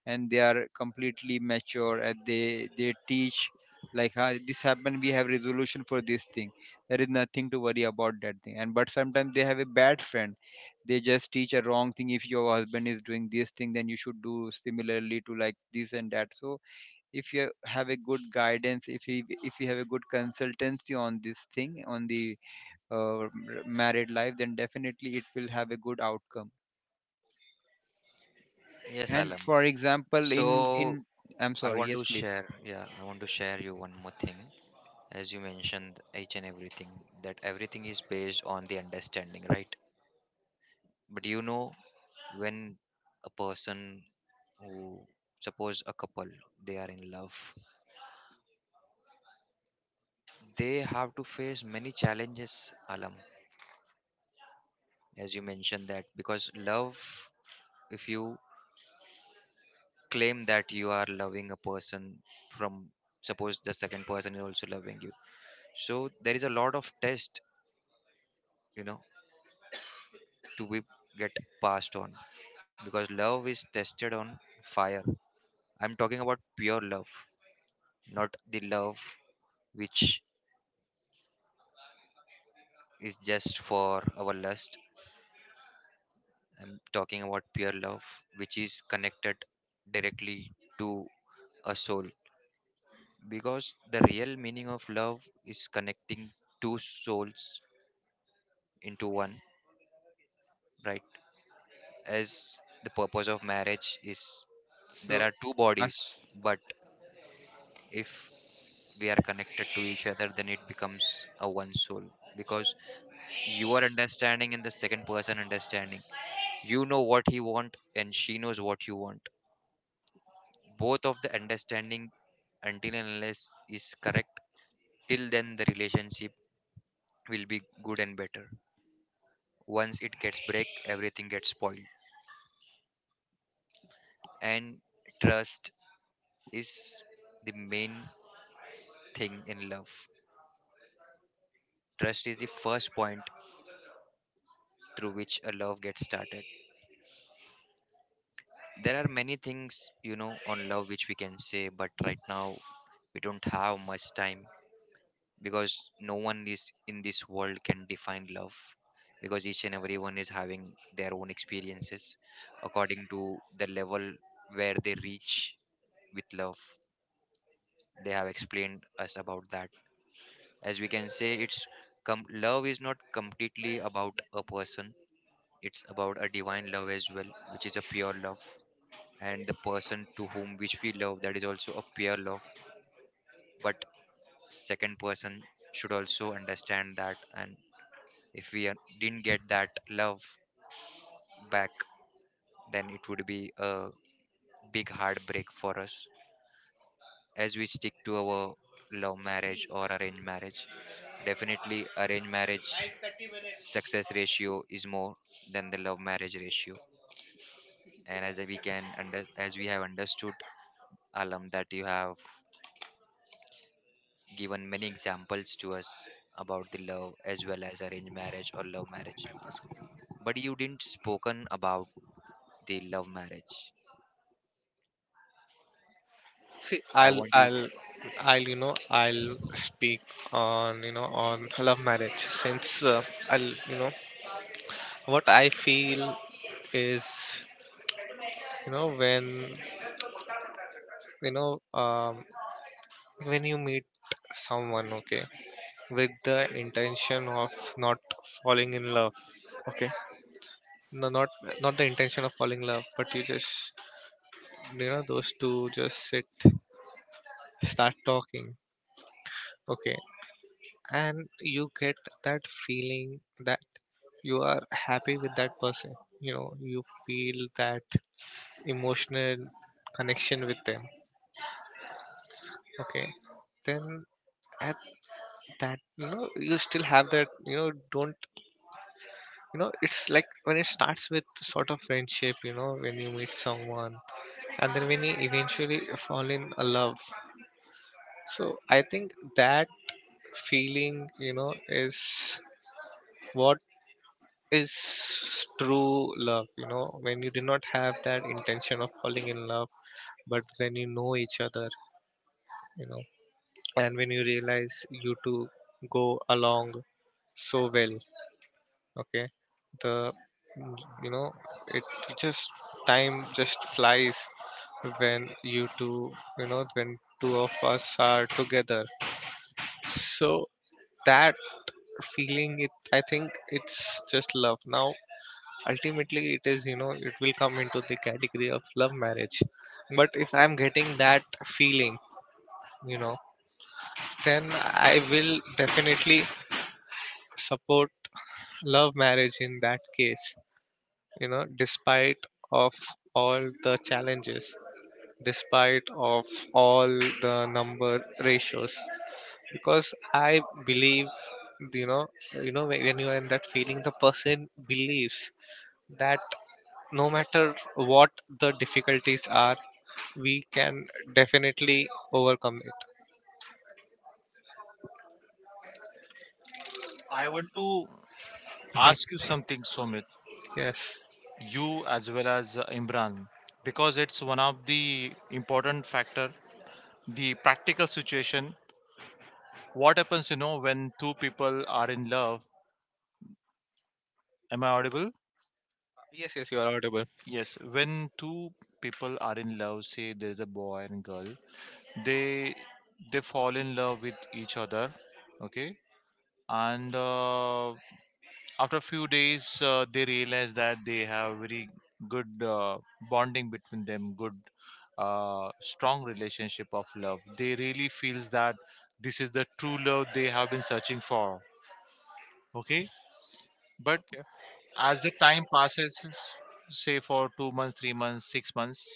S2: and they are completely mature, and they they teach like, "Ah, this happened, we have resolution for this thing, there is nothing to worry about that thing." And but sometimes they have a bad friend, they just teach a wrong thing, if your husband is doing this thing, then you should do similarly to like this and that. So if you have a good guidance, if you if you have a good consultancy on this thing, on the uh, m- married life, then definitely it will have a good outcome.
S3: Yes,
S2: And
S3: Alam.
S2: for example,
S3: So
S2: in in I'm
S3: i
S2: sorry,
S3: want to
S2: yes, please.
S3: share yeah I want to share you one more thing. As you mentioned each and everything that everything is based on the understanding, right? But you know when a person who suppose a couple, they are in love, they have to face many challenges, Alam. As you mentioned that because love, if you claim that you are loving a person, from, suppose the second person is also loving you, so there is a lot of test you know to be get passed on, because love is tested on fire. I'm talking about pure love, not the love which is just for our lust. I'm talking about pure love which is connected directly to a soul, because the real meaning of love is connecting two souls into one, right? As the purpose of marriage is, there
S2: So,
S3: are two bodies,
S2: as
S3: but if we are connected to each other, then it becomes a one soul, because you are understanding and the second person understanding. You know what he want and she knows what you want. Both of the understanding until and unless is correct, till then the relationship will be good and better. Once it gets break, everything gets spoiled. And trust is the main thing in love. Trust is the first point through which a love gets started. There are many things, you know, on love which we can say, but right now we don't have much time, because no one is in this world can define love, because each and everyone is having their own experiences according to the level where they reach with love. They have explained us about that. As we can say, it's com- love is not completely about a person, it's about a divine love as well which is a pure love, and the person to whom which we love, that is also a pure love. But second person should also understand that, and if we are- didn't get that love back, then it would be a big heartbreak for us. As we stick to our love marriage or arranged marriage, definitely arranged marriage success ratio is more than the love marriage ratio. And as we can under as we have understood, Alam, that you have given many examples to us about the love as well as arranged marriage or love marriage. But you didn't spoken about the love marriage.
S1: See,
S3: So I
S1: I'll,
S3: want you to.
S1: I'll, I'll, you know, I'll speak on, you know, on love marriage since uh, I'll, you know, what I feel is, you know, when, you know, um, when you meet someone, okay, with the intention of not falling in love, okay, no, not, not the intention of falling in love, but you just, you know, those two just sit, start talking, okay, and you get that feeling that you are happy with that person. You know, you feel that emotional connection with them, okay, then at that, you know, you still have that, you know, don't, you know, it's like when it starts with sort of friendship, you know, when you meet someone and then when you eventually fall in a love. So I think that feeling, you know, is what is true love. You know, when you do not have that intention of falling in love, but when you know each other, you know, and when you realize you two go along so well, okay, the you know, it it just, time just flies when you two you know, when two of us are together. So that feeling, it, I think it's just love now. Ultimately it is, you know, it will come into the category of love marriage, but if I'm getting that feeling, you know, then I will definitely support love marriage in that case, you know, despite of all the challenges, despite of all the number ratios, because I believe, you know, you know when when you are in that feeling, the person believes that no matter what the difficulties are, we can definitely overcome it.
S4: I want to ask you something, Somit,
S1: Yes.
S4: you as well as uh, Imran, because it's one of the important factor, the practical situation. What happens, you know, when two people are in love, am I audible?
S1: Yes, yes, you are audible.
S4: Yes. When two people are in love, say there's a boy and girl, they they fall in love with each other. Okay. And uh, after a few days uh, they realize that they have very good uh, bonding between them, good uh, strong relationship of love. They really feels that this is the true love they have been searching for. Okay, but
S1: Okay.
S4: as the time passes, say for two months, three months, six months,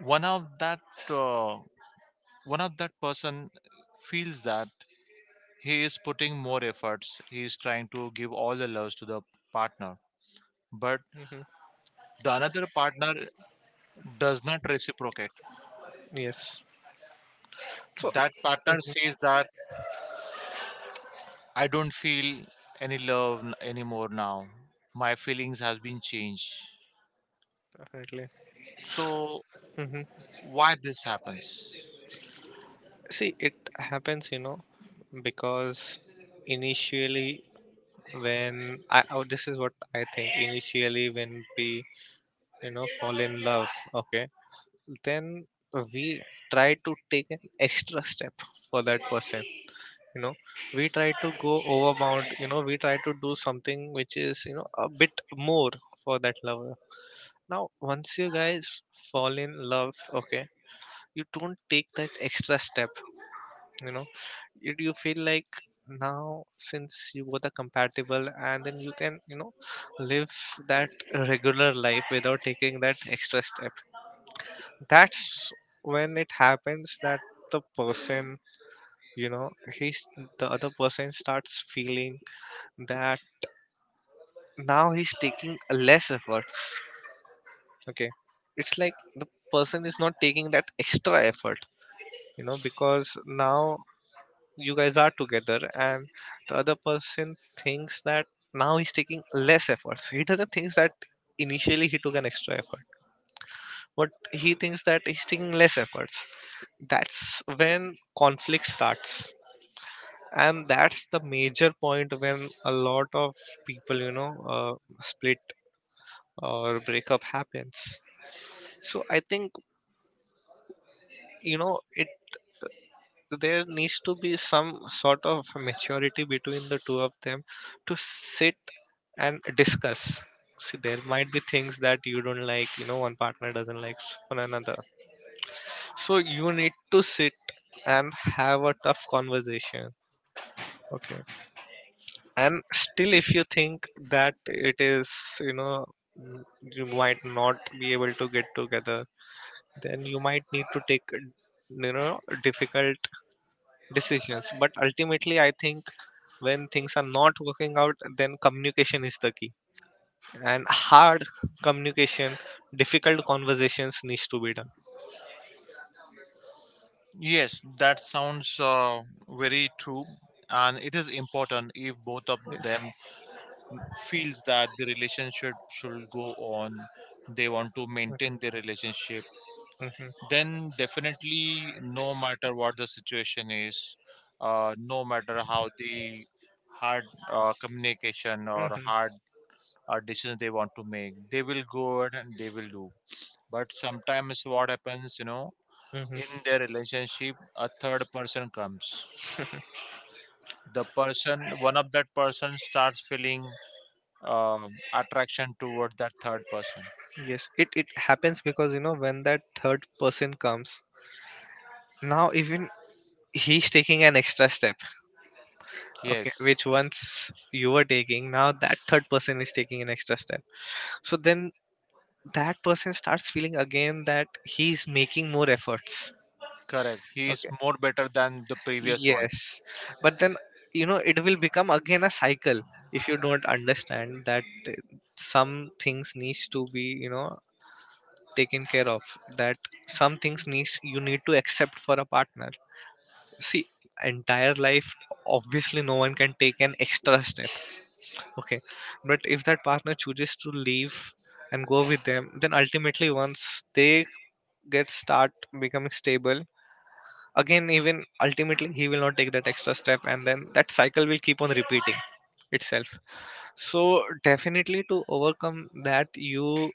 S4: one of that uh, one of that person feels that he is putting more efforts, he is trying to give all the loves to the partner, but
S1: Hmm.
S4: the another partner does not reciprocate.
S1: Yes. So
S4: That
S1: that
S4: partner says
S1: phase that
S4: that I don't feel any love n- anymore now, my feelings has been changed.
S1: definitely.
S4: So
S1: Hmm.
S4: why this happens?
S1: See, it happens, you know, because initially when I, oh, this is what I think. Initially, when we, you know, fall in love, okay, then we try to take an extra step for that person. You know, we try to go overbound, you know, we try to do something which is, you know, a bit more for that lover. Now once you guys fall in love, okay, you don't take that extra step. You know, you, you feel like now since you both are compatible, and then you can, you know, live that regular life without taking that extra step. That's when it happens that the person, you know, he's the other person starts feeling that now he's taking less efforts, okay, it's like the person is not taking that extra effort, you know, because now you guys are together, and the other person thinks that now he's taking less efforts. He doesn't think that initially he took an extra effort, but he thinks that he's taking less efforts. That's when conflict starts, and that's the major point when a lot of people, you know, uh, split or breakup happens. So I think, you know, it there needs to be some sort of maturity between the two of them to sit and discuss. See, there might be things that you don't like, you know, one partner doesn't like on another, so you need to sit and have a tough conversation, okay, and still if you think that it is, you know, mm, you might not decisions, but ultimately I think when things are not working out, then communication is the key, and hard communication, difficult conversations needs to be done.
S4: Yes, that sounds uh, very true, and it is important if both of them
S1: Yes.
S4: feels that the relationship should go on. They want to maintain the relationship.
S1: Hmm.
S4: Then definitely, no matter what the situation is, uh, no matter how the hard uh, communication or
S1: Hmm.
S4: hard uh, decision they want to make, they will go ahead and they will do. But sometimes, what happens, you know, in
S1: Hmm.
S4: their relationship, a third person comes. The person one of that person starts feeling um, attraction toward that third person.
S1: Yes, it, it happens because, you know, when that third person comes, now even he's taking an extra step, okay,
S4: Yes.
S1: which once you were taking, now that third person is taking an extra step. So then that person starts feeling again that he's making more efforts,
S4: Correct, he is
S1: okay.
S4: more better than the previous one.
S1: Yes, but then, you know, it will become again a cycle if you don't understand that uh, some things needs to be, you know, taken care of, that some things needs, you need to accept for a partner. See, entire life obviously no one can take an extra step, okay, but if that partner chooses to leave and go with them, then ultimately once they get start becoming stable again, even ultimately he will not take that extra step, and then that cycle will keep on repeating itself. So definitely to overcome that, you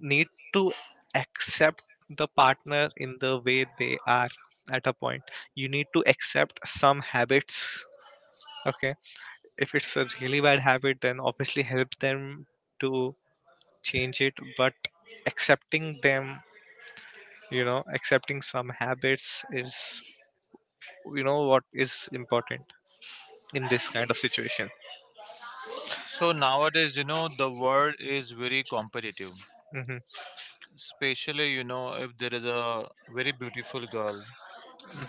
S1: need to accept the partner in the way they are. At a point, you need to accept some habits, okay. If it's a really bad habit, then obviously help them to change it, but accepting them, you know, accepting some habits is, you know, what is important in this kind of situation.
S4: So nowadays, you know, the world is very competitive,
S1: Hmm.
S4: especially, you know, if there is a very beautiful girl,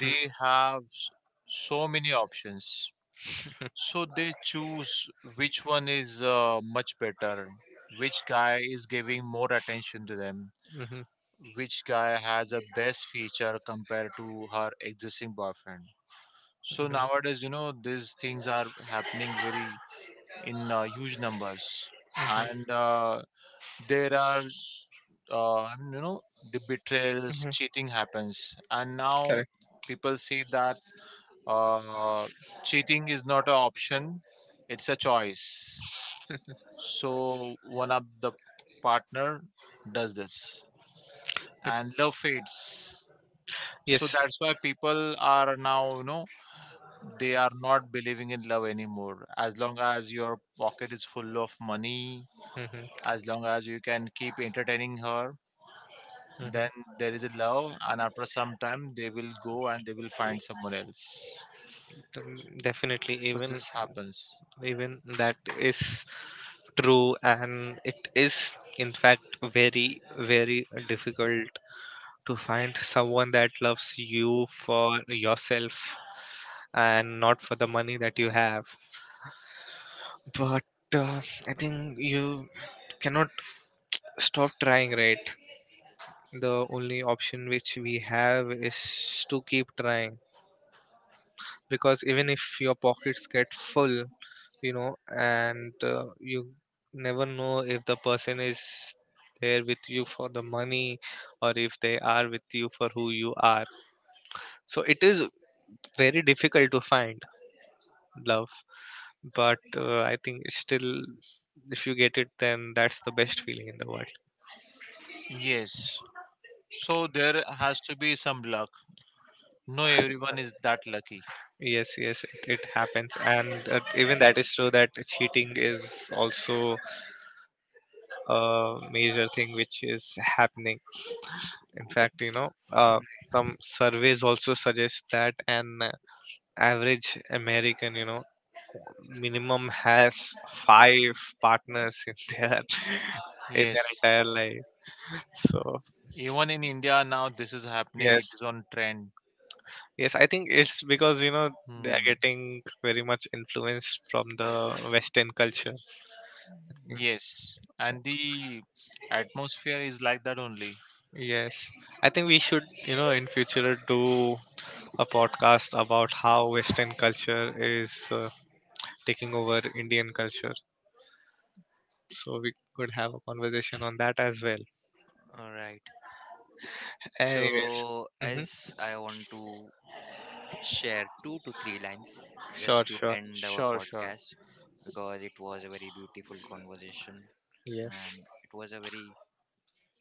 S4: they have s- so many options. So they choose which one is uh, much better, which guy is giving more attention to them,
S1: Hmm. Hmm.
S4: which guy has a best feature compared to her existing boyfriend. So nowadays, you know, these things are happening very in uh, huge numbers. And uh, there are uh, I mean, you know, the betrayals, cheating happens, and now
S1: Correct.
S4: people see that Uh, cheating is not an option; it's a choice. So one of the partner does this, and love fades. So
S1: Yes.
S4: that's why people are now, you know, they are not believing in love anymore. As long as your pocket is full of money,
S1: Mhm,
S4: as long as you can keep entertaining her,
S1: mhm.
S4: then there is a love, and after some time, they will go and they will find someone else.
S1: Um, Definitely,
S4: So
S1: even
S4: this happens.
S1: even that is true, and it is in fact very very difficult to find someone that loves you for yourself and not for the money that you have. But uh, I think you cannot stop trying, right? The only option which we have is to keep trying, because even if your pockets get full, you know, and uh, you never know if the person is there with you for the money or if they are with you for who you are. So it is very difficult to find love, but uh, I think it's still, if you get it, then that's the best feeling in the world.
S4: Yes. So there has to be some luck. No, everyone is that lucky.
S1: Yes, yes, it, it happens, and uh, even that is true that cheating is also a major thing which is happening. In fact, you know, uh, some surveys also suggest that an average American, you know, minimum has five partners in their in
S4: Yes.
S1: their entire life. So
S4: Even in India now, this is happening. It
S1: yes,
S4: is on trend.
S1: yes, I think it's because, you know, they are
S4: Hmm.
S1: getting very much influenced from the Western culture. I think
S4: Yes. And the atmosphere is like that only.
S1: yes, I think we should, you know, in future do a podcast about how Western culture is uh, taking over Indian culture. So we could have a conversation on that as well.
S3: All right.
S1: Anyways,
S3: So
S1: mm-hmm.
S3: as I want to share two to three lines just
S1: Sure,
S3: to
S1: sure.
S3: end our
S4: Sure, sure.
S3: podcast, because it was a very beautiful conversation
S1: Yes,
S3: and it was a very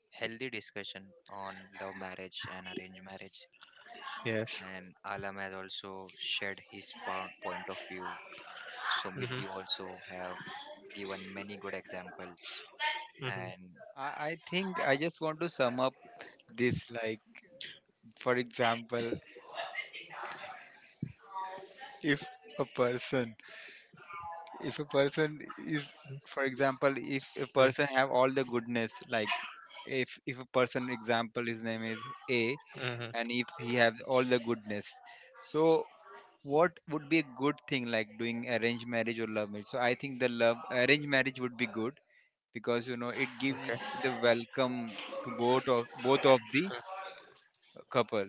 S3: healthy discussion on love marriage and arranged marriage,
S1: yes.
S3: and Alam has also shared his po- point of view. Sumit, you
S1: Mm-hmm.
S3: also have given many good examples.
S1: Mm-hmm.
S3: And
S2: I I think, I just want to sum up this like, for example, if a person, if a person is, for example, if a person have all the goodness, like, if if a person, example, his name is A,
S1: Mm-hmm. Mm-hmm.
S2: and if he have all the goodness, so what would be a good thing, like, doing arranged marriage or love marriage? So I think the love arranged marriage would be good, because you know, it gives
S1: Okay.
S2: the welcome to both of both of the couple.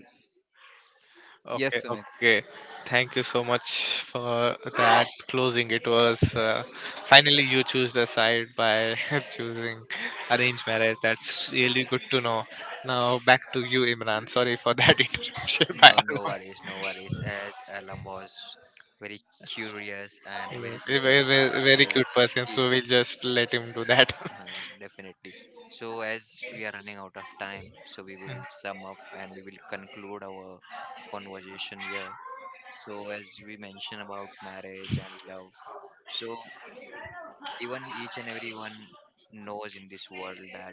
S1: Okay,
S2: Yes, Sumit.
S1: okay. Thank you so much for that closing. It was uh, finally you choose the side by choosing arranged marriage. That's really good to know. Now back to you, Imran. Sorry for that interruption. By
S3: no, no
S1: Allah.
S3: worries, no worries, as Alam was very curious and very
S1: Yes, a
S3: eager
S1: very, very very
S3: to
S1: cute person.
S3: speak,
S1: So we'll just let him do that.
S3: uh, definitely. So, as we are running out of time, so we will sum up and we will conclude our conversation here. So, as we mentioned about marriage and love, so even each and everyone knows in this world that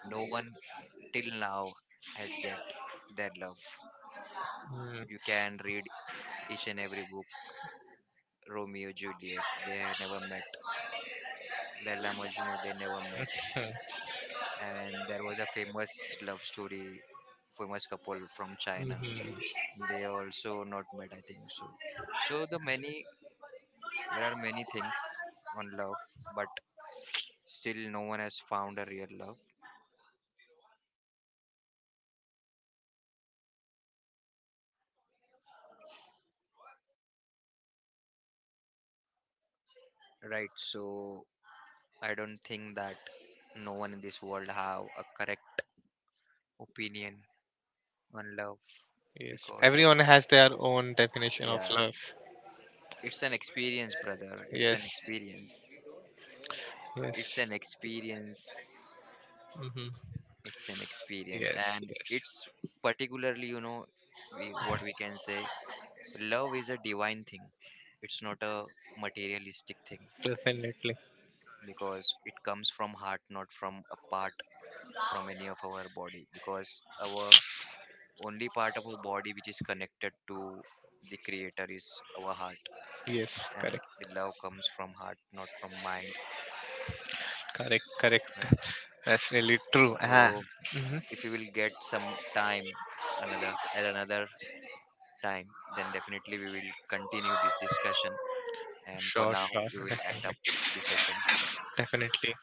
S3: no one till now has get their love. You can read each and every book, Romeo Juliet, they never met, Laila Majnu, they never met. And there was a famous love story, famous couple from China,
S1: Mm-hmm.
S3: they also not met, I think so. So the many there are many things on love, but still no one has found a real love, right? So I don't think that no one in this world have a correct opinion on love,
S1: Yes,
S3: because
S1: everyone has their own definition of
S3: yeah,
S1: love.
S3: it's an experience, brother. It's an
S1: Yes,
S3: experience. It's an
S1: yes.
S3: experience.
S1: Hmm.
S3: It's an experience,
S1: Yes,
S3: and
S1: yes.
S3: it's particularly you know we, what we can say. Love is a divine thing. It's not a materialistic thing
S1: Definitely.
S3: because it comes from heart, not from a part from any of our body. Because our only part of our body which is connected to the creator is our heart,
S1: Yes,
S3: and
S1: correct,
S3: the love comes from heart not from mind,
S1: correct, correct.
S3: right?
S1: That's really true.
S3: So
S1: Ah, hmm.
S3: if we will get some time, another at another time, then definitely we will continue this discussion, and for
S1: Sure,
S3: now
S1: sure,
S3: we will end up
S1: definitely,
S3: the session.
S1: definitely.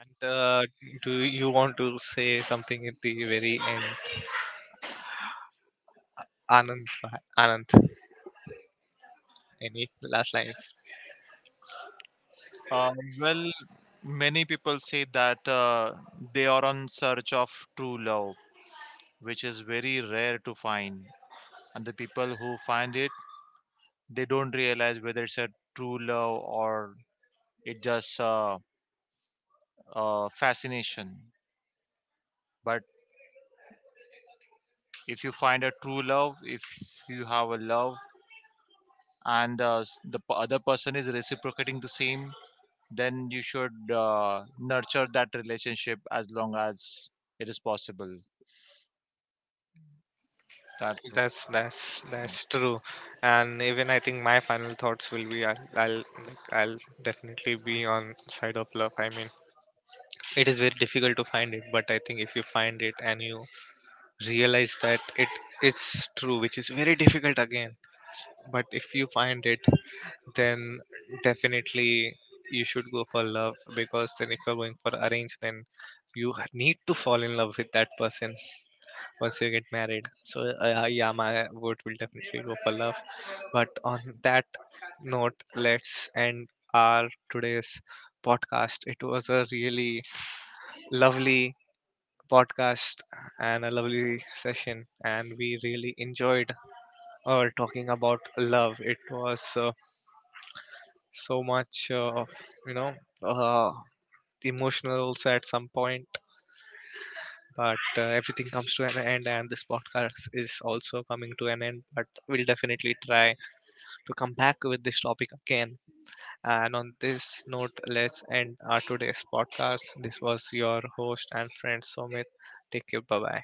S1: And uh, do you want to say something at the very end, Anand? uh, Anand, any last lines?
S4: Uh, well, many people say that uh, they are on search of true love, which is very rare to find. And the people who find it, they don't realize whether it's a true love or it just uh, uh, fascination. But if you find a true love, if you have a love and uh, s- the p- other person is reciprocating the same, then you should uh, nurture that relationship as long as it is possible. That's
S1: That's that's that's
S4: it.
S1: true. And even I think my final thoughts will be I'll I'll, like, I'll definitely be on side of love. I mean, it is very difficult to find it, but I think if you find it and you realize that it is true, which is very difficult again, but if you find it, then definitely you should go for love, because then if you're going for arrange, then you ha- need to fall in love with that person once you get married. So uh, uh, yeah, my vote will definitely go for love. But on that note, let's end our today's podcast. It was a really lovely podcast and a lovely session, and we really enjoyed uh, talking about love. It was uh, so much, uh, you know, uh, emotional also at some point. But uh, everything comes to an end, and this podcast is also coming to an end. But we'll definitely try to come back with this topic again. And on this note, let's end our today's podcast. This was your host and friend Somit. Take care. Bye bye.